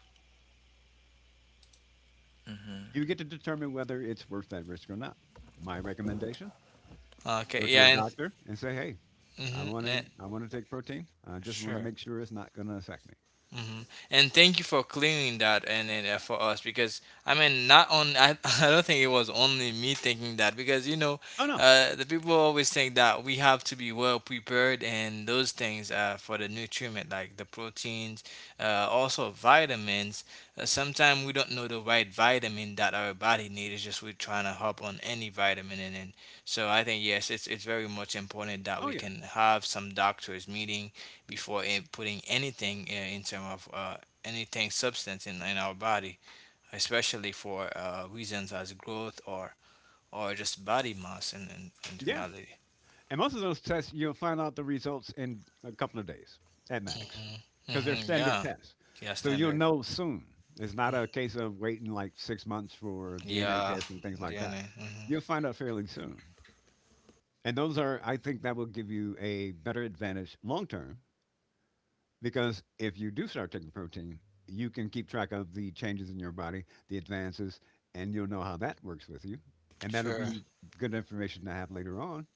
[SPEAKER 3] Mm-hmm.
[SPEAKER 1] You get to determine whether it's worth that risk or not. My recommendation:
[SPEAKER 2] Okay,
[SPEAKER 1] go to
[SPEAKER 2] yeah,
[SPEAKER 1] a
[SPEAKER 2] and
[SPEAKER 1] doctor and say, "Hey,
[SPEAKER 2] mhm,
[SPEAKER 1] I want to take protein. I just want to
[SPEAKER 2] sure.
[SPEAKER 1] make sure it's not going to affect me."
[SPEAKER 2] Hmm. And thank you for clearing that, and for us, because I mean, not on I, [LAUGHS] I don't think it was only me thinking that, because
[SPEAKER 1] Oh no.
[SPEAKER 2] the people always think that we have to be well prepared and those things, for the nutriment like the proteins, also vitamins, sometimes we don't know the right vitamin that our body needs. It's just we're trying to hop on any vitamin, and so I think yes, it's very much important that
[SPEAKER 1] Oh
[SPEAKER 2] we
[SPEAKER 1] yeah.
[SPEAKER 2] can have some doctors meeting before putting anything, in terms of, anything substance in our body, especially for reasons as growth or just body mass in
[SPEAKER 1] Yeah.
[SPEAKER 2] reality.
[SPEAKER 1] And most of those tests, you'll find out the results in a couple of days at max
[SPEAKER 2] Hmm.
[SPEAKER 1] because they're
[SPEAKER 2] Hmm.
[SPEAKER 1] standard
[SPEAKER 2] Yeah.
[SPEAKER 1] tests.
[SPEAKER 2] Yeah,
[SPEAKER 1] So you'll
[SPEAKER 2] standard.
[SPEAKER 1] know soon. It's not
[SPEAKER 2] Mm.
[SPEAKER 1] a case of waiting like 6 months for DNA
[SPEAKER 2] Yeah,
[SPEAKER 1] tests and things like that.
[SPEAKER 2] DNA. Hmm.
[SPEAKER 1] You'll find out fairly soon. And those are, I think that will give you a better advantage long term because if you do start taking protein, you can keep track of the changes in your body, the advances, and you'll know how that works with you. And that'll
[SPEAKER 2] Sure.
[SPEAKER 1] be good information to have later on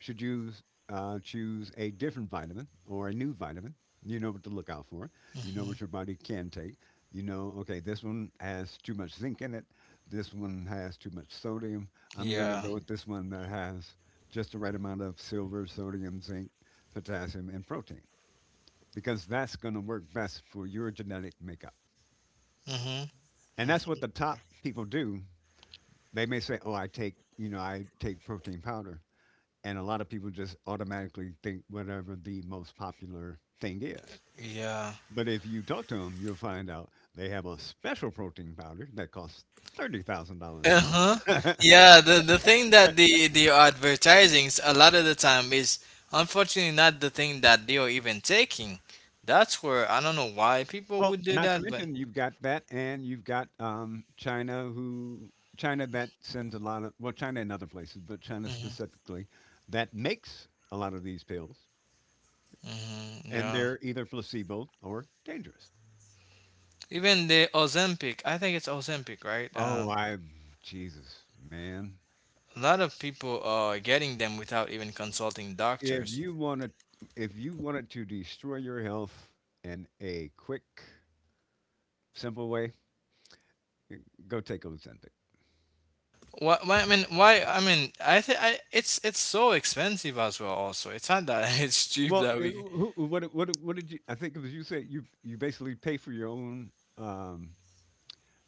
[SPEAKER 1] should you choose a different vitamin or a new vitamin, you know what to look out for. You know what
[SPEAKER 2] Hmm.
[SPEAKER 1] your body can take. You know, okay, this one has too much zinc in it. This one has too much sodium. I'm going to
[SPEAKER 2] Yeah.
[SPEAKER 1] go with this one that has just the right amount of silver, sodium, zinc, potassium, and protein because that's going to work best for your genetic makeup.
[SPEAKER 2] Hmm.
[SPEAKER 1] And that's what
[SPEAKER 2] Hmm.
[SPEAKER 1] the top people do. They may say, "Oh, I take, you know, I take protein powder." And a lot of people just automatically think whatever the most popular thing is.
[SPEAKER 2] Yeah.
[SPEAKER 1] But if you talk to them, you'll find out they have a special protein powder that costs $30,000 a month.
[SPEAKER 2] Uh-huh.
[SPEAKER 1] [LAUGHS]
[SPEAKER 2] Yeah, the thing that the advertisings a lot of the time is unfortunately not the thing that they are even taking. That's where I don't know why people
[SPEAKER 1] Well,
[SPEAKER 2] would do
[SPEAKER 1] not to
[SPEAKER 2] that, but
[SPEAKER 1] mention you've got that and you've got China who China that sends a lot of well China and other places, but China
[SPEAKER 2] hmm,
[SPEAKER 1] specifically that makes a lot of these pills
[SPEAKER 2] hmm,
[SPEAKER 1] and
[SPEAKER 2] yeah.
[SPEAKER 1] they're either placebo or dangerous.
[SPEAKER 2] Even the Ozempic, I think it's Ozempic, right?
[SPEAKER 1] Oh, I Jesus, man.
[SPEAKER 2] A lot of people are getting them without even consulting
[SPEAKER 1] If
[SPEAKER 2] doctors.
[SPEAKER 1] you wanted, if you wanted to destroy your health in a quick, simple way, go take Ozempic.
[SPEAKER 2] Why, I mean, why? I mean, I think I, it's so expensive as well. Also, it's not that [LAUGHS] it's cheap
[SPEAKER 1] Well,
[SPEAKER 2] that we
[SPEAKER 1] what did you? I think it was you said you basically pay for your own. Um,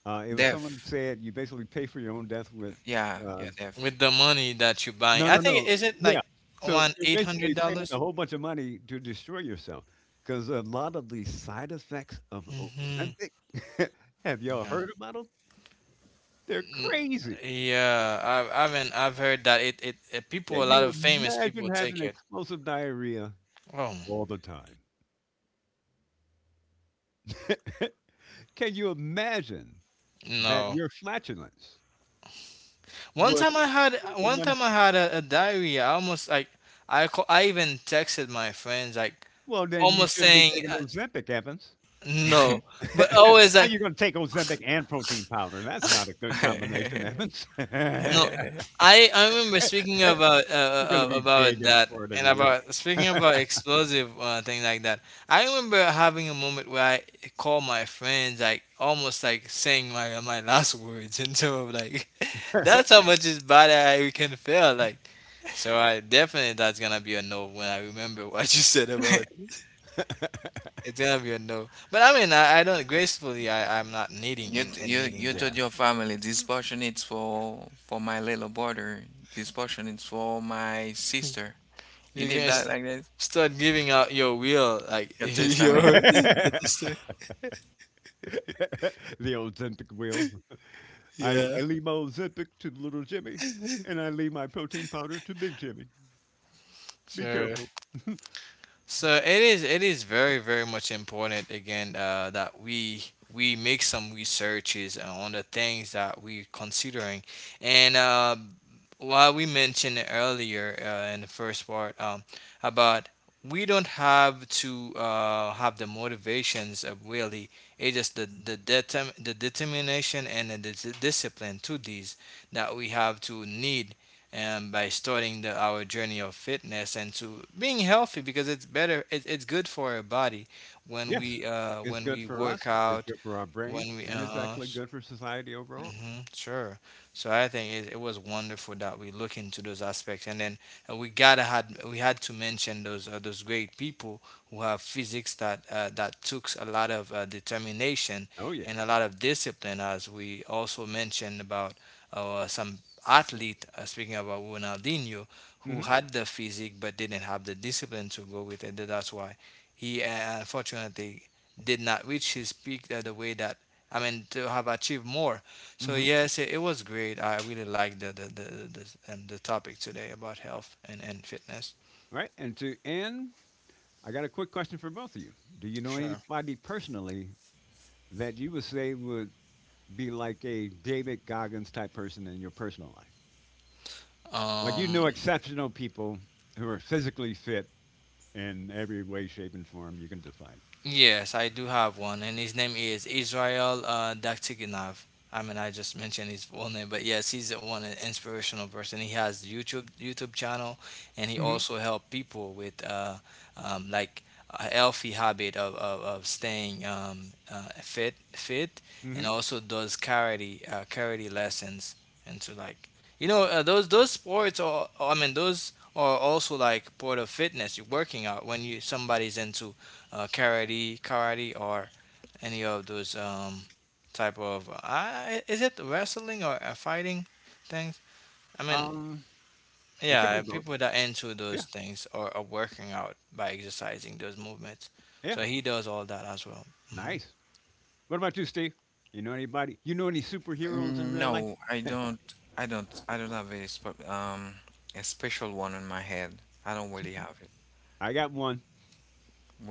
[SPEAKER 1] it was someone
[SPEAKER 3] Deaf.
[SPEAKER 1] said you basically pay for your own death with.
[SPEAKER 3] Yeah,
[SPEAKER 1] Uh,
[SPEAKER 3] yeah, deaf.
[SPEAKER 2] with the money that you buy. I think
[SPEAKER 1] no.
[SPEAKER 2] is it
[SPEAKER 1] Yeah.
[SPEAKER 2] like
[SPEAKER 1] So
[SPEAKER 2] one
[SPEAKER 1] you're
[SPEAKER 2] eight hundred
[SPEAKER 1] basically paying
[SPEAKER 2] dollars?
[SPEAKER 1] a whole bunch of money to destroy yourself because a lot of the side effects of
[SPEAKER 2] Mm-hmm.
[SPEAKER 1] Ozempic, [LAUGHS] have y'all
[SPEAKER 2] Yeah.
[SPEAKER 1] heard about them? They're
[SPEAKER 2] N-
[SPEAKER 1] crazy.
[SPEAKER 2] Yeah, I've heard that it people, a
[SPEAKER 1] Can
[SPEAKER 2] lot
[SPEAKER 1] you
[SPEAKER 2] of famous people
[SPEAKER 1] imagine
[SPEAKER 2] take
[SPEAKER 1] having
[SPEAKER 2] it.
[SPEAKER 1] explosive diarrhea
[SPEAKER 2] Oh,
[SPEAKER 1] all the time? [LAUGHS] Can you imagine that
[SPEAKER 2] no!
[SPEAKER 1] your flatulence
[SPEAKER 2] One
[SPEAKER 1] would
[SPEAKER 2] time I had
[SPEAKER 1] tell
[SPEAKER 2] one
[SPEAKER 1] someone,
[SPEAKER 2] time I had a diarrhea. I almost like I call, I even texted my friends, like
[SPEAKER 1] well, then you
[SPEAKER 2] almost
[SPEAKER 1] shouldn't be
[SPEAKER 2] saying
[SPEAKER 1] taking Ozempic, Evans.
[SPEAKER 2] no, but
[SPEAKER 1] [LAUGHS]
[SPEAKER 2] always
[SPEAKER 1] How
[SPEAKER 2] like,
[SPEAKER 1] you going to take Ozempic and protein powder? That's not a good combination, Evans. [LAUGHS] You're
[SPEAKER 2] no, I remember speaking
[SPEAKER 1] going to be big
[SPEAKER 2] about
[SPEAKER 1] and
[SPEAKER 2] that
[SPEAKER 1] fart
[SPEAKER 2] and
[SPEAKER 1] everywhere.
[SPEAKER 2] about speaking about explosive thing like that. I remember having a moment where I called my friends, like almost like saying my last words, [LAUGHS] and so I'm like [LAUGHS] that's how much is bad I can feel like. So I definitely that's gonna be a no when I remember [LAUGHS] what you said about it. It's gonna be a no. But I mean I don't gracefully I'm not needing
[SPEAKER 3] You
[SPEAKER 2] and,
[SPEAKER 3] t-
[SPEAKER 2] and
[SPEAKER 3] you
[SPEAKER 2] needing.
[SPEAKER 3] you told
[SPEAKER 1] Yeah.
[SPEAKER 3] your family this portion is for my little brother. This portion is for my sister. You
[SPEAKER 2] You're
[SPEAKER 3] did
[SPEAKER 2] gonna
[SPEAKER 3] that like this?
[SPEAKER 2] start giving out your will, like [LAUGHS]
[SPEAKER 3] Your
[SPEAKER 1] [LAUGHS]
[SPEAKER 3] testament.
[SPEAKER 2] your.
[SPEAKER 1] The Ozempic wheel.
[SPEAKER 2] [LAUGHS]
[SPEAKER 1] I,
[SPEAKER 2] Yeah.
[SPEAKER 1] I leave my Ozempic to little Jimmy, and I leave my protein powder to big Jimmy. Be
[SPEAKER 2] Sure.
[SPEAKER 1] careful.
[SPEAKER 2] So it is very very much important again, that we make some researches on the things that we're considering, and while we mentioned earlier, in the first part, about, we don't have to have the motivations of really, it's just the the determination and the discipline to these that we have to need, by starting our journey of fitness and to being healthy, because it's better it's good for our body when
[SPEAKER 1] Yes.
[SPEAKER 2] we uh,
[SPEAKER 1] It's
[SPEAKER 2] when
[SPEAKER 1] good
[SPEAKER 2] we
[SPEAKER 1] for
[SPEAKER 2] work
[SPEAKER 1] us, it's
[SPEAKER 2] out
[SPEAKER 1] good for our
[SPEAKER 2] when
[SPEAKER 1] brains,
[SPEAKER 2] we
[SPEAKER 1] and it's actually good for society overall.
[SPEAKER 2] Mm-hmm, sure. So I think it was wonderful that we look into those aspects, and then we had to mention those great people who have physics that that took a lot of determination
[SPEAKER 1] Oh, yeah.
[SPEAKER 2] and a lot of discipline, as we also mentioned about some athlete, speaking about Ronaldinho, who
[SPEAKER 1] Mhm,
[SPEAKER 2] had the physique but didn't have the discipline to go with it. That's why he, unfortunately, did not reach his peak, the way that, I mean, to have achieved more, so
[SPEAKER 1] mhm.
[SPEAKER 2] yes, it was great. I really liked the topic today about health and fitness.
[SPEAKER 1] Right, and to end, I got a quick question for both of you. Do you know
[SPEAKER 2] Sure.
[SPEAKER 1] anybody personally that you would say would be like a David Goggins type person in your personal life? Like, you
[SPEAKER 2] Um,
[SPEAKER 1] know exceptional people who are physically fit in every way, shape, and form you can define.
[SPEAKER 2] Yes, I do have one, and his name is Israel Daktiginov. I mean, I just mentioned his full name, but yes, he's one, an inspirational person. He has YouTube channel, and he
[SPEAKER 1] Mhm,
[SPEAKER 2] also help people with like, a healthy habit of staying fit, and
[SPEAKER 1] mhm.
[SPEAKER 2] also does karate lessons, and to like, those sports are, I mean, those are also like part of fitness. You're working out when you somebody's into karate, or any of those, type of, is it wrestling or fighting things? I mean,
[SPEAKER 1] Um, it could
[SPEAKER 2] yeah,
[SPEAKER 1] be both.
[SPEAKER 2] people that are into those
[SPEAKER 1] Yeah,
[SPEAKER 2] things or are working out by exercising those movements.
[SPEAKER 1] yeah.
[SPEAKER 2] So he does all that as well. Hmm.
[SPEAKER 1] Nice. What about you, Steve? You know anybody? You know any superheroes in
[SPEAKER 3] Mm,
[SPEAKER 1] real
[SPEAKER 3] no,
[SPEAKER 1] life?
[SPEAKER 3] I don't. I don't. I don't have a special one on my head. I don't really have it.
[SPEAKER 1] I got one,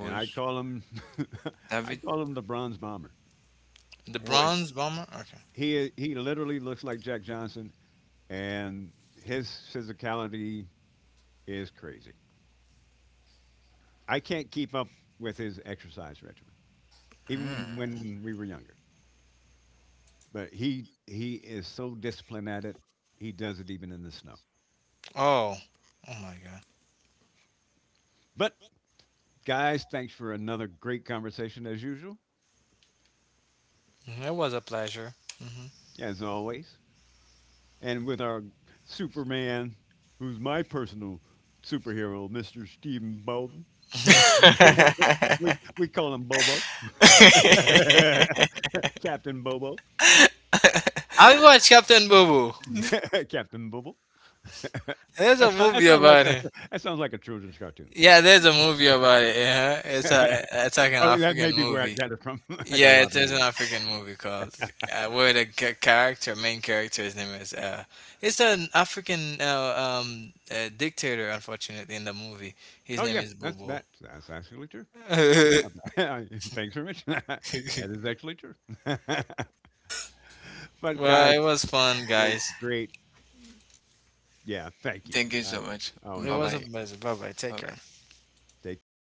[SPEAKER 1] and [LAUGHS] I
[SPEAKER 3] David
[SPEAKER 1] call him the Bronze Bomber.
[SPEAKER 2] The
[SPEAKER 3] was.
[SPEAKER 2] bronze bomber. Okay.
[SPEAKER 1] He literally looks like Jack Johnson, and his physicality is crazy. I can't keep up with his exercise regimen, even
[SPEAKER 3] Mm.
[SPEAKER 1] when we were younger. But he is so disciplined at it. He does it even in the snow.
[SPEAKER 2] Oh, oh my God,
[SPEAKER 1] But guys, thanks for another great conversation as usual.
[SPEAKER 2] mhm, it was a pleasure. Hmm.
[SPEAKER 1] As always, and with our Superman, who's my personal superhero, Mr. Stephen Bolton.
[SPEAKER 2] [LAUGHS]
[SPEAKER 1] [LAUGHS] we
[SPEAKER 3] [LAUGHS]
[SPEAKER 1] we call him Bobo, [LAUGHS] Captain Bobo,
[SPEAKER 2] I watched Captain Boo Boo.
[SPEAKER 1] [LAUGHS] Captain Bobo. [LAUGHS]
[SPEAKER 2] There's a
[SPEAKER 1] That
[SPEAKER 2] movie
[SPEAKER 1] sounds like
[SPEAKER 2] about
[SPEAKER 1] a
[SPEAKER 2] it.
[SPEAKER 1] that sounds like a children's cartoon.
[SPEAKER 2] Yeah, there's a movie about it. Yeah,
[SPEAKER 1] [LAUGHS]
[SPEAKER 2] it's a
[SPEAKER 1] Oh,
[SPEAKER 2] it's like an
[SPEAKER 1] that may
[SPEAKER 2] African
[SPEAKER 1] be where I
[SPEAKER 2] movie.
[SPEAKER 1] got it from. [LAUGHS] I got a
[SPEAKER 2] Yeah,
[SPEAKER 1] lot
[SPEAKER 2] it
[SPEAKER 1] of
[SPEAKER 2] is an
[SPEAKER 1] movies.
[SPEAKER 2] African movie called, where the character, main character, his name is, it's an African dictator. Unfortunately, in the movie, his
[SPEAKER 1] Oh
[SPEAKER 2] name
[SPEAKER 1] yeah,
[SPEAKER 2] is
[SPEAKER 1] that's
[SPEAKER 2] Bobo.
[SPEAKER 1] that's that's actually true. I realize
[SPEAKER 2] [LAUGHS]
[SPEAKER 1] that. [LAUGHS] Thanks for mentioning that. [LAUGHS]
[SPEAKER 2] Well,
[SPEAKER 1] That is actually true. [LAUGHS] But guys,
[SPEAKER 2] it was fun, guys.
[SPEAKER 1] great Yeah, thank you.
[SPEAKER 3] Thank you
[SPEAKER 1] I
[SPEAKER 3] so much.
[SPEAKER 2] It
[SPEAKER 1] always
[SPEAKER 3] Bye
[SPEAKER 1] have.
[SPEAKER 2] was a
[SPEAKER 3] bye.
[SPEAKER 2] pleasure. Bye bye. Take
[SPEAKER 3] Bye
[SPEAKER 2] care.
[SPEAKER 3] bye.
[SPEAKER 1] Take care.